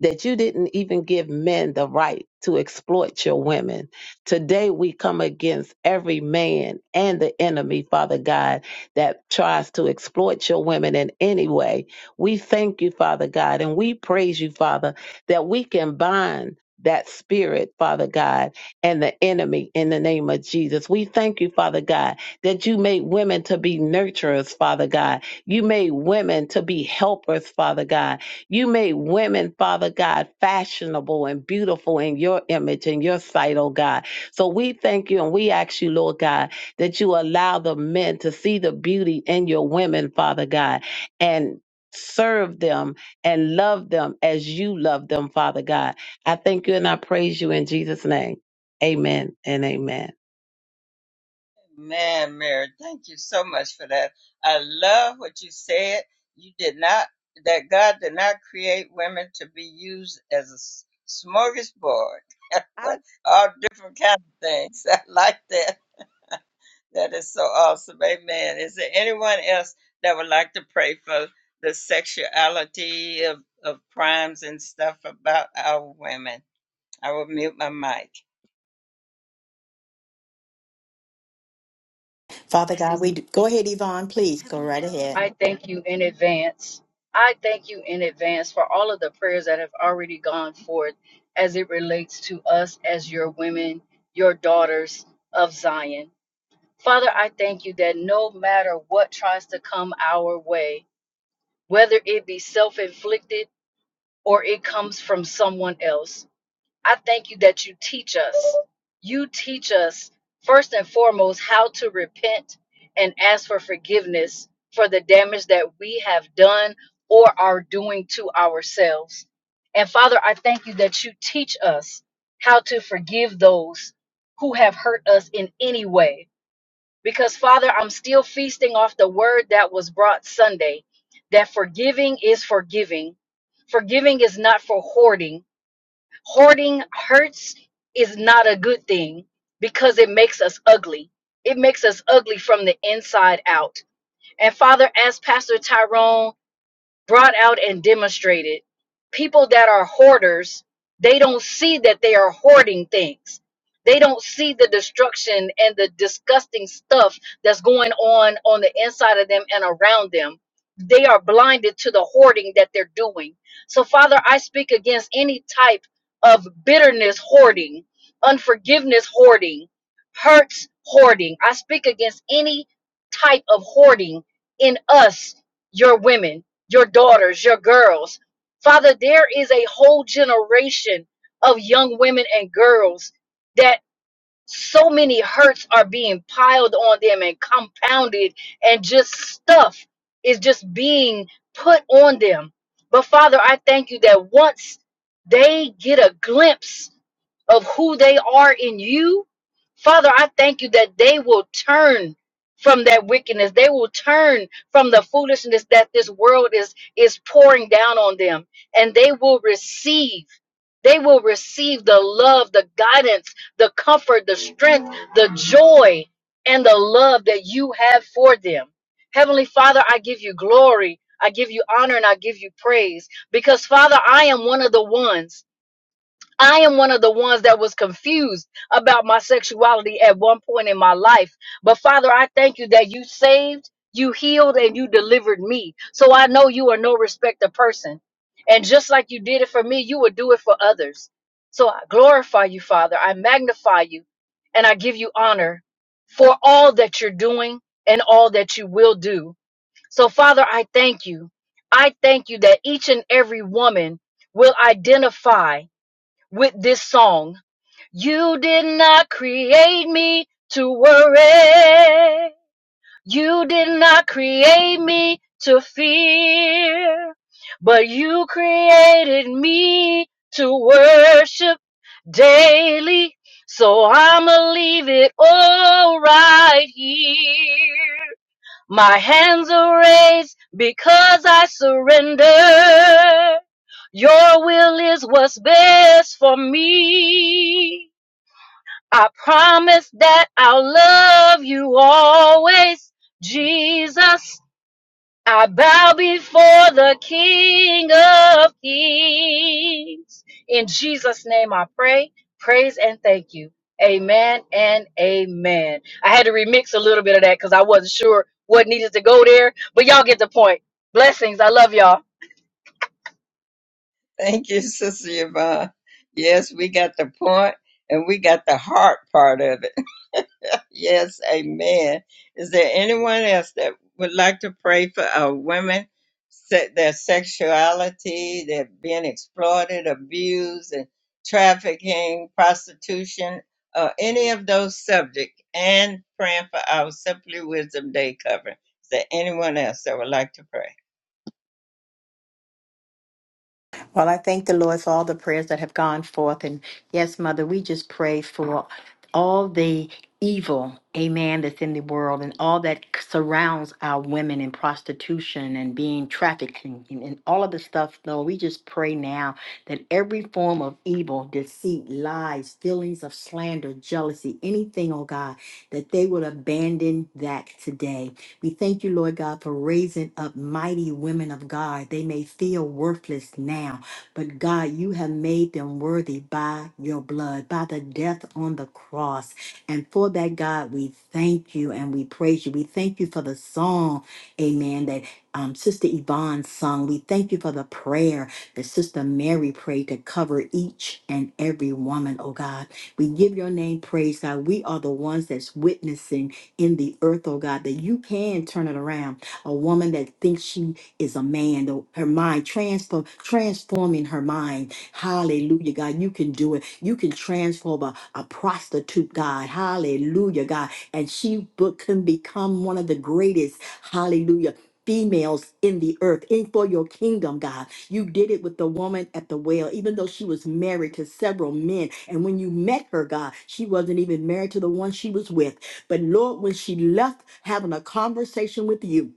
S4: that you didn't even give men the right to exploit your women. Today we come against every man and the enemy, Father God, that tries to exploit your women in any way. We thank you, Father God, and we praise you, Father, that we can bind that spirit, Father God and the enemy in the name of Jesus. We thank you, Father God, that you made women to be nurturers, Father God. You made women to be helpers, Father God. You made women, Father God, fashionable and beautiful in your image and your sight, oh God. So we thank you and we ask you, Lord God, that you allow the men to see the beauty in your women, Father God, and serve them and love them as you love them, Father God. I thank you and I praise you in Jesus' name. Amen and amen.
S1: Man, Mary, thank you so much for that. I love what you said. You did not, that God did not create women to be used as a s- smorgasbord.
S4: I,
S1: What- All different kind of things. I like that. That is so awesome. Amen. Is there anyone else that would like to pray for the sexuality of, of crimes and stuff about our women? I will mute my mic.
S3: Father God, We do, go ahead, Yvonne, please go
S5: Heavenly
S3: right
S5: Father,
S3: ahead.
S5: I thank you in advance. I thank you in advance for all of the prayers that have already gone forth as it relates to us as your women, your daughters of Zion. Father, I thank you that no matter what tries to come our way, whether it be self inflicted, or it comes from someone else. I thank you that you teach us. You teach us, first and foremost, how to repent and ask for forgiveness for the damage that we have done or are doing to ourselves. And Father, I thank you that you teach us how to forgive those who have hurt us in any way because Father, I'm still feasting off the word that was brought Sunday that forgiving is forgiving. Forgiving is not for hoarding. Hoarding hurts is not a good thing because it makes us ugly. It makes us ugly from the inside out. And Father, as Pastor Tyrone brought out and demonstrated people that are hoarders they don't see that they are hoarding things they don't see the destruction and the disgusting stuff that's going on on the inside of them and around them they are blinded to the hoarding that they're doing so father i speak against any type of bitterness hoarding unforgiveness hoarding hurts hoarding i speak against any type of hoarding in us your women your daughters, your girls. Father, there is a whole generation of young women and girls that so many hurts are being piled on them and compounded, and just stuff is just being put on them. But Father, I thank you that once they get a glimpse of who they are in you, Father, I thank you that they will turn from that wickedness. They will turn from the foolishness that this world is is pouring down on them, and they will receive. They will receive the love, the guidance, the comfort, the strength, the joy, and the love that you have for them. Heavenly Father, I give you glory. I give you honor and I give you praise because, Father, I am one of the ones I am one of the ones that was confused about my sexuality at one point in my life. But Father, I thank you that you saved, you healed, and you delivered me. So I know you are no respecter person. And just like you did it for me, you will do it for others. So I glorify you, Father. I magnify you and I give you honor for all that you're doing and all that you will do. So, Father, I thank you. I thank you that each and every woman will identify with this song. You did not create me to worry. You did not create me to fear. But you created me to worship daily. So I'ma leave it all right here. My hands are raised because I surrender. Your will is what's best for me. I promise that I'll love you always, Jesus. I bow before the King of Kings. In Jesus' name I pray, praise, and thank you. Amen and amen. I had to remix a little bit of that because I wasn't sure what needed to go there, but y'all get the point. Blessings. I love y'all.
S1: Thank you, Sister Yvonne. Yes, we got the point and we got the heart part of it. Yes, amen. Is there anyone else that would like to pray for our women, se- their sexuality, they're being exploited, abused, and trafficking, prostitution, or any of those subjects, and praying for our Simply Wisdom Day covering? Is there anyone else that would like to pray?
S3: Well, I thank the Lord for all the prayers that have gone forth. And yes, Mother, we just pray for all the evil, amen, that's in the world and all that surrounds our women in prostitution and being trafficked and, and, and all of the stuff, Lord. We just pray now that every form of evil, deceit, lies, feelings of slander, jealousy, anything, oh God, that they will abandon that today. We thank you, Lord God, for raising up mighty women of God. They may feel worthless now, but God, you have made them worthy by your blood, by the death on the cross. And for that, God, we thank you and we praise you. We thank you for the song, amen, that um, Sister Yvonne sung. We thank you for the prayer that Sister Mary prayed to cover each and every woman, oh God. We give your name praise, God. We are the ones that's witnessing in the earth, oh God, that you can turn it around. A woman that thinks she is a man, though her mind transform, transforming her mind. Hallelujah, God. You can do it. You can transform a, a prostitute, God. Hallelujah, God. And she bu- can become one of the greatest, hallelujah, females in the earth in for your kingdom god you did it with the woman at the well even though she was married to several men and when you met her god she wasn't even married to the one she was with but lord when she left having a conversation with you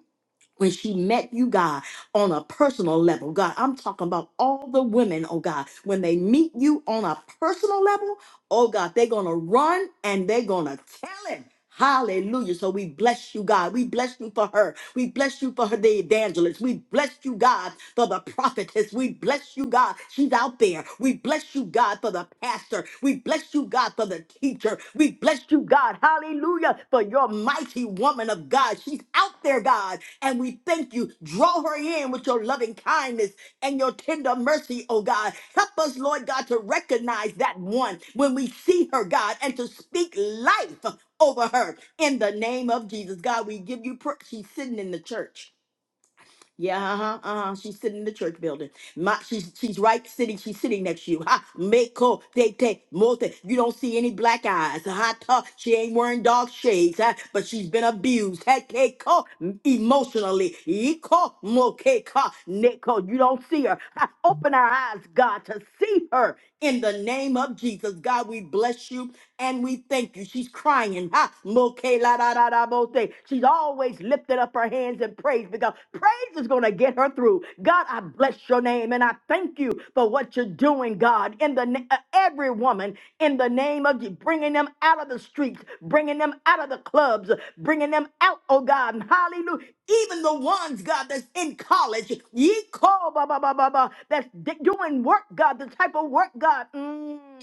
S3: when she met you, God, on a personal level. God, I'm talking about all the women, oh God, when they meet you on a personal level, oh God, they're going to run and they're going to tell him, Hallelujah. So we bless you, God. We bless you for her. We bless you for her, the evangelist. We bless you, God, for the prophetess. We bless you, God. She's out there. We bless you, God, for the pastor. We bless you, God, for the teacher. We bless you, God. Hallelujah for your mighty woman of God. She's out there, God, and we thank you. Draw her in with your loving kindness and your tender mercy, oh God. Help us, Lord God, to recognize that one when we see her, God, and to speak life over her in the name of Jesus. God, we give you praise. She's sitting in the church. Yeah, uh-huh, uh-huh. She's sitting in the church building. My, she's she's right sitting. She's sitting next to you. Ha, meko te te mote. You don't see any black eyes. Ha, ta. She ain't wearing dog shades. huh, but she's been abused. Ha, ke ko emotionally. Iko mo ke ka neko. You don't see her. Ha, open our eyes, God, to see her in the name of Jesus. God, we bless you and we thank you. She's crying. Ha, la She's always lifted up her hands in praise because praise is going to get her through. God, I bless your name and I thank you for what you're doing, God, in the na- uh, every woman in the name of you, bringing them out of the streets, bringing them out of the clubs, bringing them out, oh God, and hallelujah. Even the ones, God, that's in college, ye call, ba ba ba ba ba, that's d- doing work, God, the type of work, God. Mm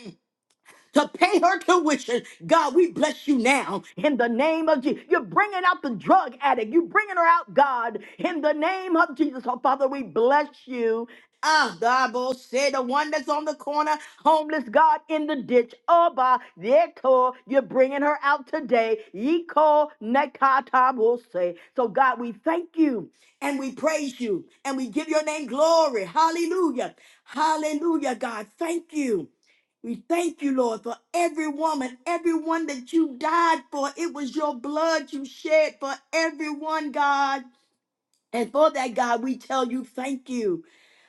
S3: to pay her tuition. God, we bless you now in the name of Jesus. You're bringing out the drug addict. You're bringing her out, God, in the name of Jesus. Oh, Father, we bless you. Ah, the Bible said the one that's on the corner, homeless God in the ditch. Oba, Yeko, you're bringing her out today. Yeko, Nekata will say. So, God, we thank you and we praise you and we give your name glory. Hallelujah. Hallelujah, God. Thank you. We thank you, Lord, for every woman, everyone that you died for. It was your blood you shed for everyone, God. And for that, God, we tell you thank you.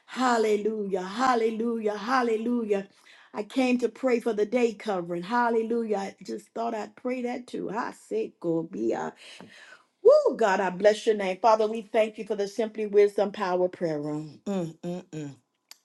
S3: Hallelujah, hallelujah, hallelujah. I came to pray for the day covering. Hallelujah. I just thought I'd pray that too. I say, go be a Woo, God, I bless your name. Father, we thank you for the Simply Wisdom Power Prayer Room. Mm, mm, mm.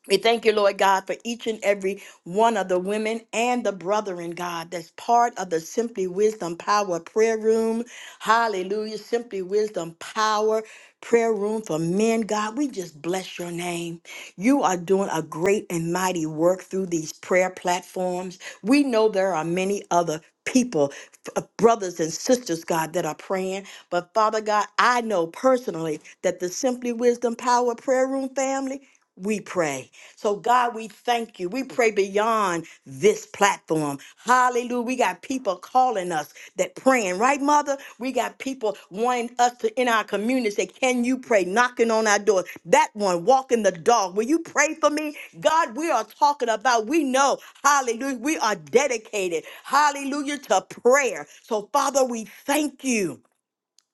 S3: We thank you, Lord God, for each and every one of the women and the brethren, God, that's part of the Simply Wisdom Power Prayer Room. Hallelujah. Simply Wisdom Power Prayer Room for men, God. We just bless your name. You are doing a great and mighty work through these prayer platforms. We know there are many other people, f- brothers and sisters, God, that are praying. But Father God, I know personally that the Simply Wisdom Power Prayer Room family, we pray. So, God, we thank you. We pray beyond this platform. Hallelujah. We got people calling us that praying, right, Mother? We got people wanting us to in our community say, Can you pray? Knocking on our door. That one walking the dog. Will you pray for me? God, we are talking about, we know, hallelujah, we are dedicated, hallelujah, to prayer. So, Father, we thank you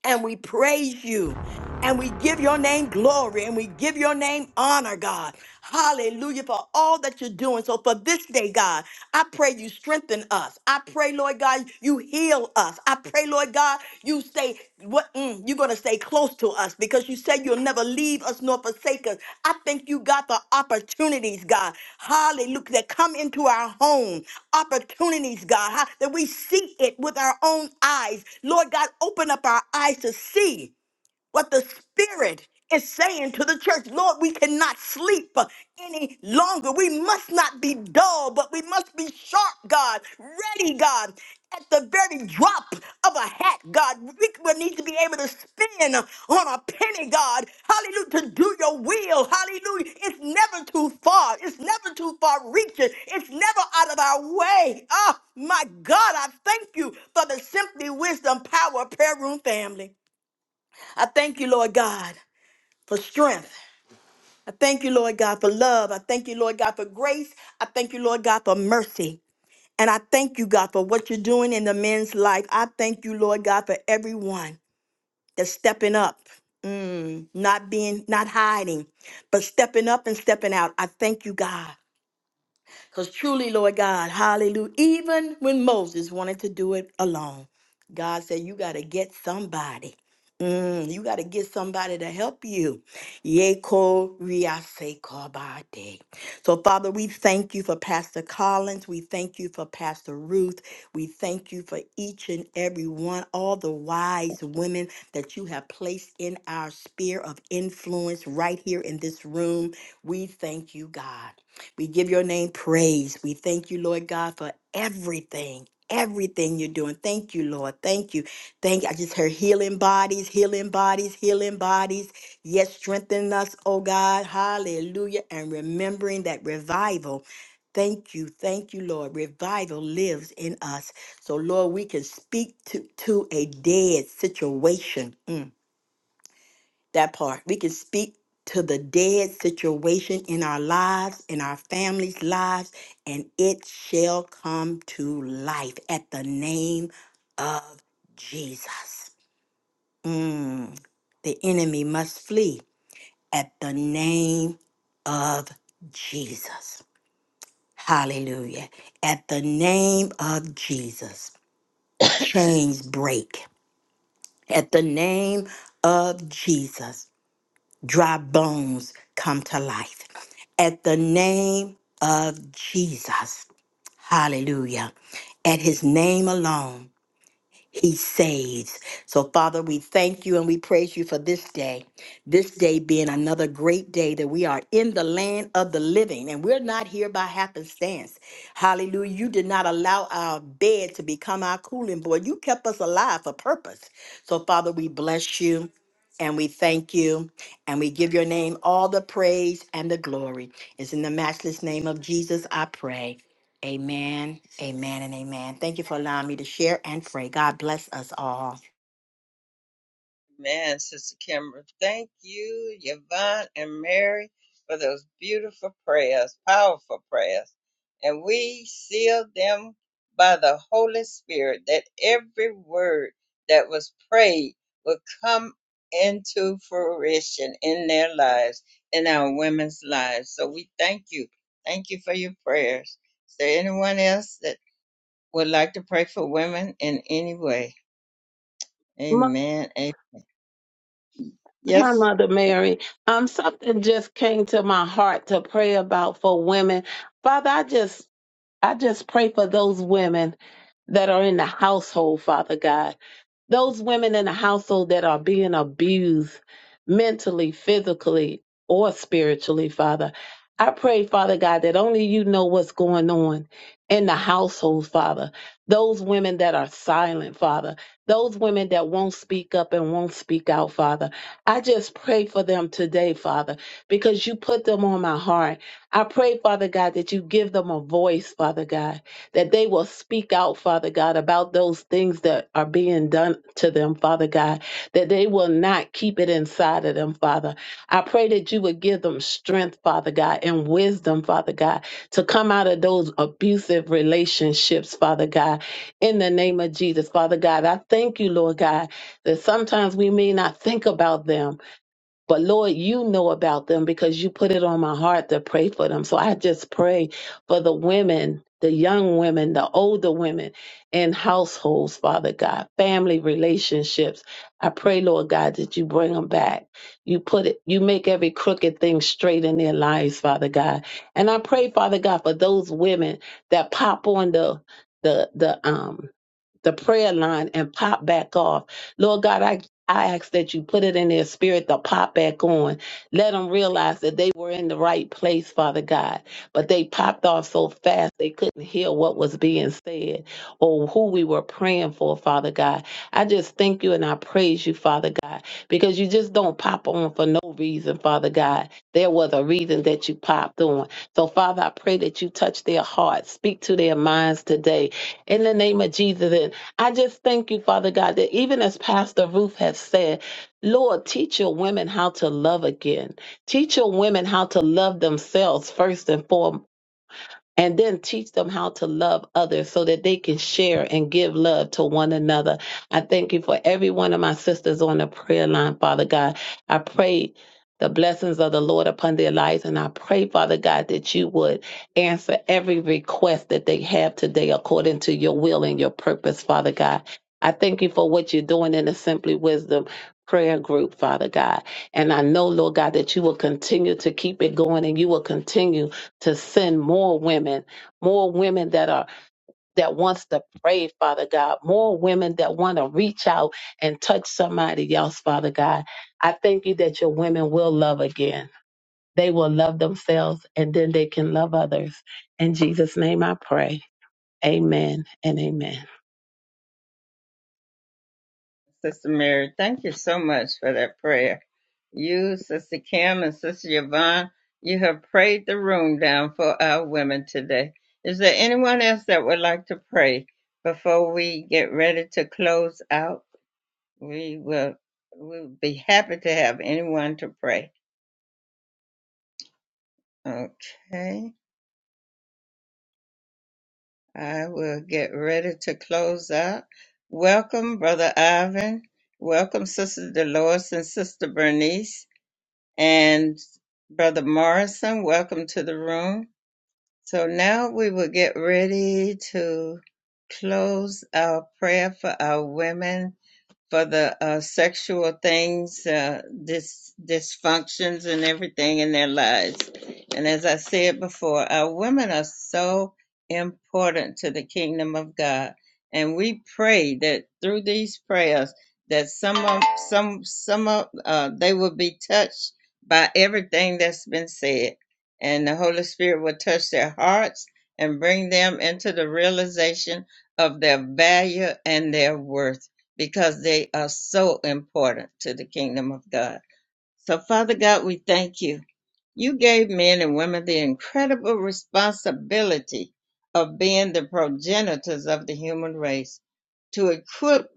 S3: and we praise you. And we give your name glory and we give your name honor, God. Hallelujah for all that you're doing. So for this day, God, I pray you strengthen us. I pray, Lord God, you heal us. I pray, Lord God, you stay what mm, you're gonna stay close to us because you said you'll never leave us nor forsake us. I thank you, God, for opportunities, God. Hallelujah. That come into our home. Opportunities, God, ha- that we see it with our own eyes. Lord God, open up our eyes to see what the Spirit is saying to the church. Lord, we cannot sleep uh, any longer. We must not be dull, but we must be sharp, God, ready, God, at the very drop of a hat, God. We will need to be able to spin on a penny, God. Hallelujah, to do your will. Hallelujah. It's never too far. It's never too far reaching. It's never out of our way. Oh, my God, I thank you for the Simply Wisdom Power Prayer Room family. I thank you, Lord God, for strength. I thank you, Lord God, for love. I thank you, Lord God, for grace. I thank you, Lord God, for mercy. And I thank you, God, for what you're doing in the men's life. I thank you, Lord God, for everyone that's stepping up, mm, not being, not hiding, but stepping up and stepping out. I thank you, God. Because truly, Lord God, hallelujah, even when Moses wanted to do it alone, God said, You got to get somebody. Mm, you got to get somebody to help you. Yeko riase kobade. So, Father, we thank you for Pastor Collins. We thank you for Pastor Ruth. We thank you for each and every one, all the wise women that you have placed in our sphere of influence right here in this room. We thank you, God. We give your name praise. We thank you, Lord God, for everything. Everything you're doing. Thank you, Lord. Thank you. Thank I just heard healing bodies, healing bodies, healing bodies. Yes, strengthen us, oh God. Hallelujah. And remembering that revival. Thank you. Thank you, Lord. Revival lives in us. So, Lord, we can speak to, to a dead situation. Mm that part. We can speak to the dead situation in our lives, in our families' lives, and it shall come to life at the name of Jesus. Mm, the enemy must flee at the name of Jesus. Hallelujah. At the name of Jesus, chains break. At the name of Jesus, dry bones come to life. At the name of Jesus, hallelujah. At his name alone, he saves. So, Father, we thank you and we praise you for this day. This day being another great day that we are in the land of the living and we're not here by happenstance. Hallelujah. You did not allow our bed to become our cooling board. You kept us alive for purpose. So, Father, we bless you and we thank you and we give your name all the praise and the glory. It's in the matchless name of Jesus I pray. Amen, amen, and amen. Thank you for allowing me to share and pray. God bless us all.
S1: Man, Sister Kimber, thank you, Yvonne and Mary, for those beautiful prayers, powerful prayers. And we seal them by the Holy Spirit that every word that was prayed will come into fruition in their lives, in our women's lives. So we thank you. Thank you for your prayers. Is there anyone else that would like to pray for women in any way?
S4: my,
S1: Amen. Amen.
S4: hi,
S1: Yes,
S4: Mother Mary. Um, something just came to my heart to pray about for women. Father, I just, I just pray for those women that are in the household, Father God. those women in the household that are being abused mentally, physically, or spiritually, Father. I pray, Father God, that only you know what's going on in the household, Father. Those women that are silent, Father. Those women that won't speak up and won't speak out, Father. I just pray for them today, Father, because you put them on my heart. I pray, Father God, that you give them a voice, Father God that they will speak out, Father God, about those things that are being done to them, Father God, that they will not keep it inside of them, Father. I pray that you would give them strength, Father God, and wisdom, Father God, to come out of those abusive relationships, Father God, in the name of Jesus, Father God. I thank you, Lord God, that sometimes we may not think about them but Lord, you know about them because you put it on my heart to pray for them. So I just pray for the women, the young women, the older women in households, Father God, family relationships. I pray, Lord God, that you bring them back. You put it, you make every crooked thing straight in their lives, Father God. And I pray, Father God, for those women that pop on the the the um the prayer line and pop back off. Lord God, I I ask that you put it in their spirit to pop back on. Let them realize that they were in the right place, Father God, but they popped off so fast they couldn't hear what was being said or who we were praying for, Father God. I just thank you and I praise you, Father God, because you just don't pop on for no reason, Father God. There was a reason that you popped on. So, Father, I pray that you touch their hearts, speak to their minds today in the name of Jesus. I just thank you, Father God, that even as Pastor Ruth has said, Lord, teach your women how to love again. Teach your women how to love themselves first and foremost and then teach them how to love others so that they can share and give love to one another. I thank you for every one of my sisters on the prayer line, Father God. I pray the blessings of the Lord upon their lives, and I pray, Father God, that you would answer every request that they have today according to your will and your purpose, Father God. I thank you for what you're doing in the Simply Wisdom prayer group, Father God. And I know, Lord God, that you will continue to keep it going and you will continue to send more women, more women that are that wants to pray, Father God, more women that want to reach out and touch somebody else, Father God. I thank you that your women will love again. They will love themselves and then they can love others. In Jesus' name I pray. Amen and amen.
S1: Sister Mary, thank you so much for that prayer. You, Sister Kim, and Sister Yvonne, you have prayed the room down for our women today. Is there anyone else that would like to pray before we get ready to close out? We will we'll be happy to have anyone to pray. Okay, I will get ready to close out. Welcome, Brother Ivan. Welcome, Sister Dolores and Sister Bernice. and Brother Morrison, welcome to the room. So now we will get ready to close our prayer for our women for the uh, sexual things, uh, dis- dysfunctions, and everything in their lives. And as I said before, our women are so important to the kingdom of God, and we pray that through these prayers that some of some some of uh, they will be touched by everything that's been said, and the Holy Spirit will touch their hearts and bring them into the realization of their value and their worth because they are so important to the kingdom of God. So, Father God, we thank you. You gave men and women the incredible responsibility of being the progenitors of the human race to equip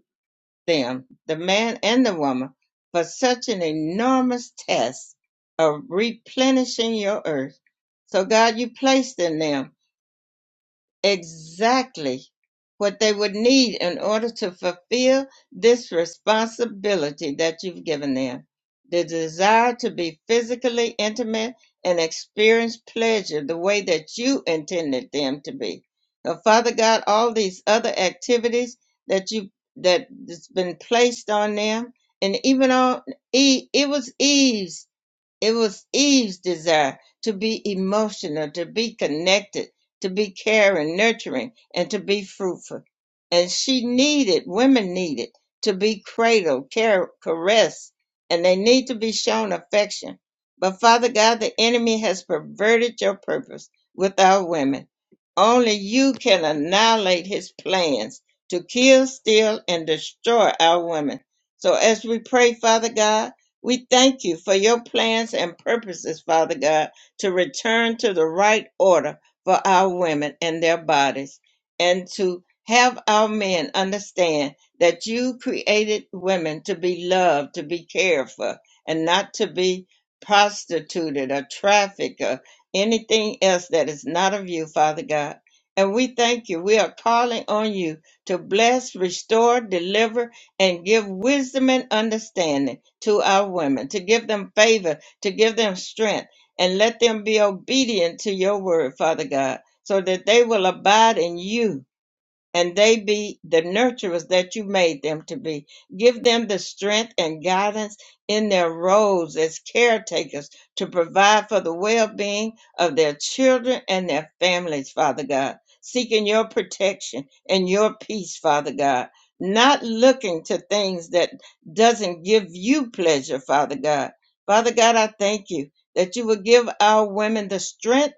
S1: them, the man and the woman, for such an enormous task of replenishing your earth. So, God, you placed in them exactly what they would need in order to fulfill this responsibility that you've given them the desire to be physically intimate and experience pleasure the way that you intended them to be. Now, Father God, all these other activities that you that has been placed on them, and even on Eve, it was Eve's it was Eve's desire to be emotional, to be connected, to be caring, nurturing, and to be fruitful. And she needed, women needed to be cradled, care, caressed, and they need to be shown affection. But Father God, the enemy has perverted your purpose with our women. Only you can annihilate his plans to kill, steal, and destroy our women. So as we pray, Father God, we thank you for your plans and purposes, Father God, to return to the right order for our women and their bodies, and to have our men understand that you created women to be loved, to be cared for, and not to be prostituted or trafficked or anything else that is not of you, Father God. And we thank you. We are calling on you to bless, restore, deliver, and give wisdom and understanding to our women, to give them favor, to give them strength, and let them be obedient to your word, Father God, so that they will abide in you and they be the nurturers that you made them to be. Give them the strength and guidance in their roles as caretakers to provide for the well being of their children and their families, Father God, seeking your protection and your peace, Father God. Not looking to things that doesn't give you pleasure, Father God. Father God, I thank you that you will give our women the strength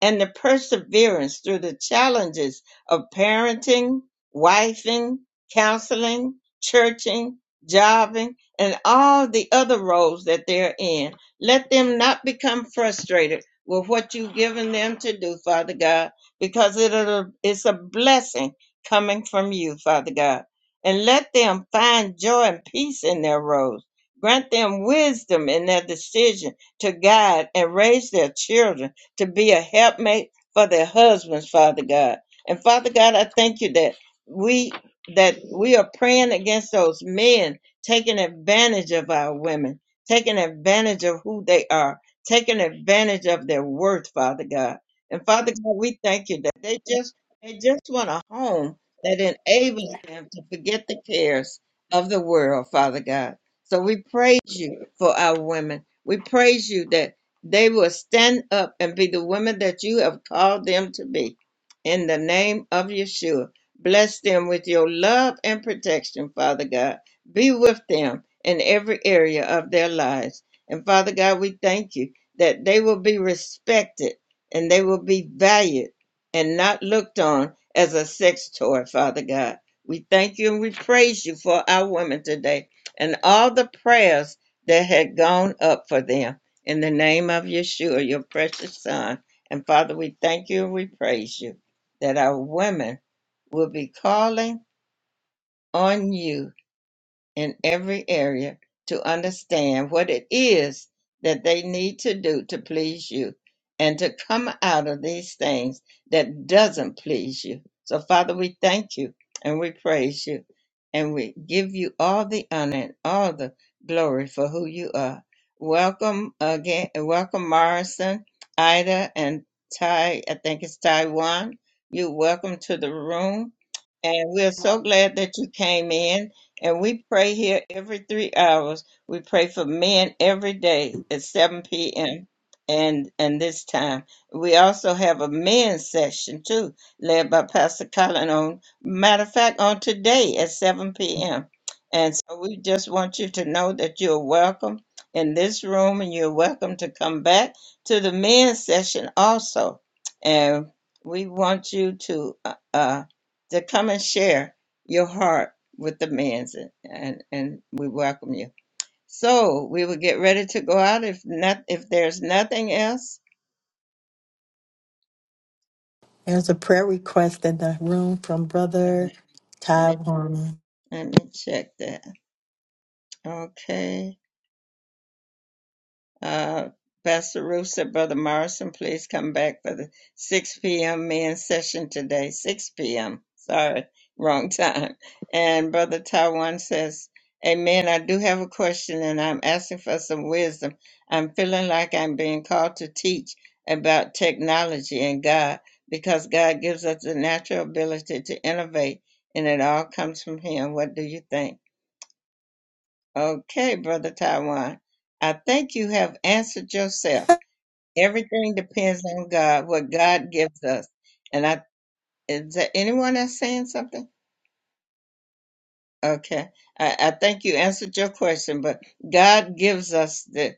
S1: and the perseverance through the challenges of parenting, wifing, counseling, churching, jobbing, and all the other roles that they're in. Let them not become frustrated with what you've given them to do, Father God, because it'll, it's a blessing coming from you, Father God. And let them find joy and peace in their roles. Grant them wisdom in their decision to guide and raise their children to be a helpmate for their husbands, Father God. And Father God, I thank you that we that we are praying against those men taking advantage of our women, taking advantage of who they are, taking advantage of their worth, Father God. And Father God, we thank you that they just they just want a home that enables them to forget the cares of the world, Father God. So we praise you for our women. We praise you that they will stand up and be the women that you have called them to be. In the name of Yeshua, bless them with your love and protection, Father God. Be with them in every area of their lives. And Father God, we thank you that they will be respected and they will be valued and not looked on as a sex toy, Father God. We thank you and we praise you for our women today and all the prayers that had gone up for them. In the name of Yeshua, your precious son. And Father, we thank you and we praise you that our women will be calling on you in every area to understand what it is that they need to do to please you and to come out of these things that doesn't please you. So Father, we thank you and we praise you and we give you all the honor and all the glory for who you are. Welcome again, welcome Morrison, Ida, and Ty, I think it's Taiwan. You're welcome to the room. And we're so glad that you came in and we pray here every three hours. We pray for men every day at 7 p.m. and and this time. We also have a men's session too, led by Pastor Colin on matter of fact on today at 7 p.m. And so we just want you to know that you're welcome in this room and you're welcome to come back to the men's session also. And we want you to uh, uh to come and share your heart with the man's and, and and we welcome you. So we will get ready to go out if not if there's nothing else.
S3: There's a prayer request in the room from Brother
S1: Let
S3: Ty
S1: me,
S3: Warren.
S1: let me check that. Okay. Uh, Pastor Ruth said, Brother Morrison, please come back for the 6 p.m. men's session today. 6 p.m. Sorry, wrong time. And Brother Taiwan says, Amen. I do have a question and I'm asking for some wisdom. I'm feeling like I'm being called to teach about technology and God because God gives us the natural ability to innovate and it all comes from Him. What do you think? Okay, Brother Taiwan, I think you have answered yourself Everything depends on God, what God gives us. And I is there anyone that's saying something? Okay. I, I think you answered your question, but God gives us the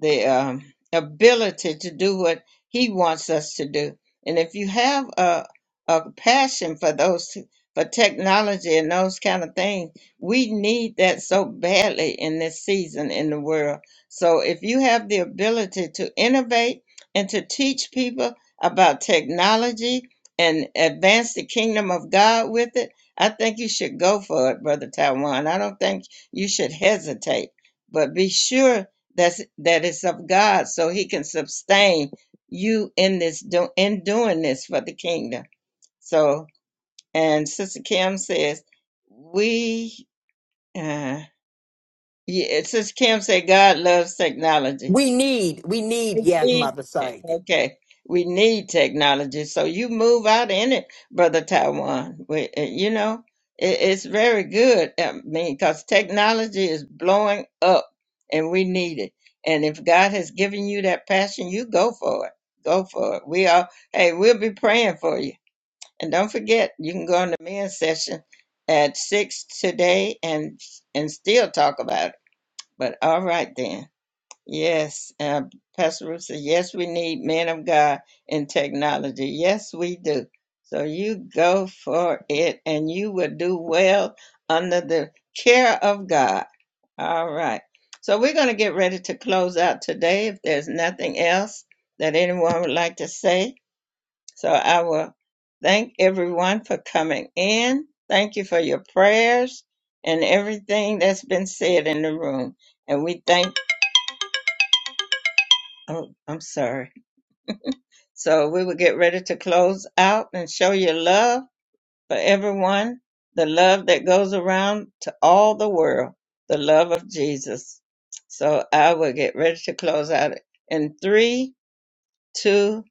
S1: the um, ability to do what He wants us to do. And if you have a a passion for those two, for technology and those kind of things, we need that so badly in this season in the world. So if you have the ability to innovate and to teach people about technology and advance the kingdom of God with it I think you should go for it, Brother Taiwan. I don't think you should hesitate, but be sure that's, that it's of God so he can sustain you in this do, in doing this for the kingdom. So, and Sister Kim says, we, uh, yeah, Sister Kim said, God loves technology.
S3: We need, we need,
S1: We
S3: yeah,
S1: need
S3: Mother
S1: it.
S3: Sorry.
S1: Okay. We need technology. So you move out in it, Brother Taiwan. We, uh, you know, it, it's very good. I mean, because technology is blowing up and we need it. And if God has given you that passion, you go for it. Go for it. We are, hey, we'll be praying for you. And don't forget, you can go on the men's session at six today and and still talk about it. But all right then. Yes, uh, Pastor Ruth said, yes, we need men of God in technology. Yes, we do. So you go for it and you will do well under the care of God. All right. So we're going to get ready to close out today if there's nothing else that anyone would like to say. So I will thank everyone for coming in. Thank you for your prayers and everything that's been said in the room. And we thank, oh, I'm sorry. So we will get ready to close out and show your love for everyone, the love that goes around to all the world, the love of Jesus. So I will get ready to close out in three, two,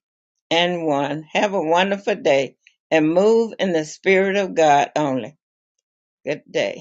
S1: and one. Have a wonderful day and move in the Spirit of God only. Good day.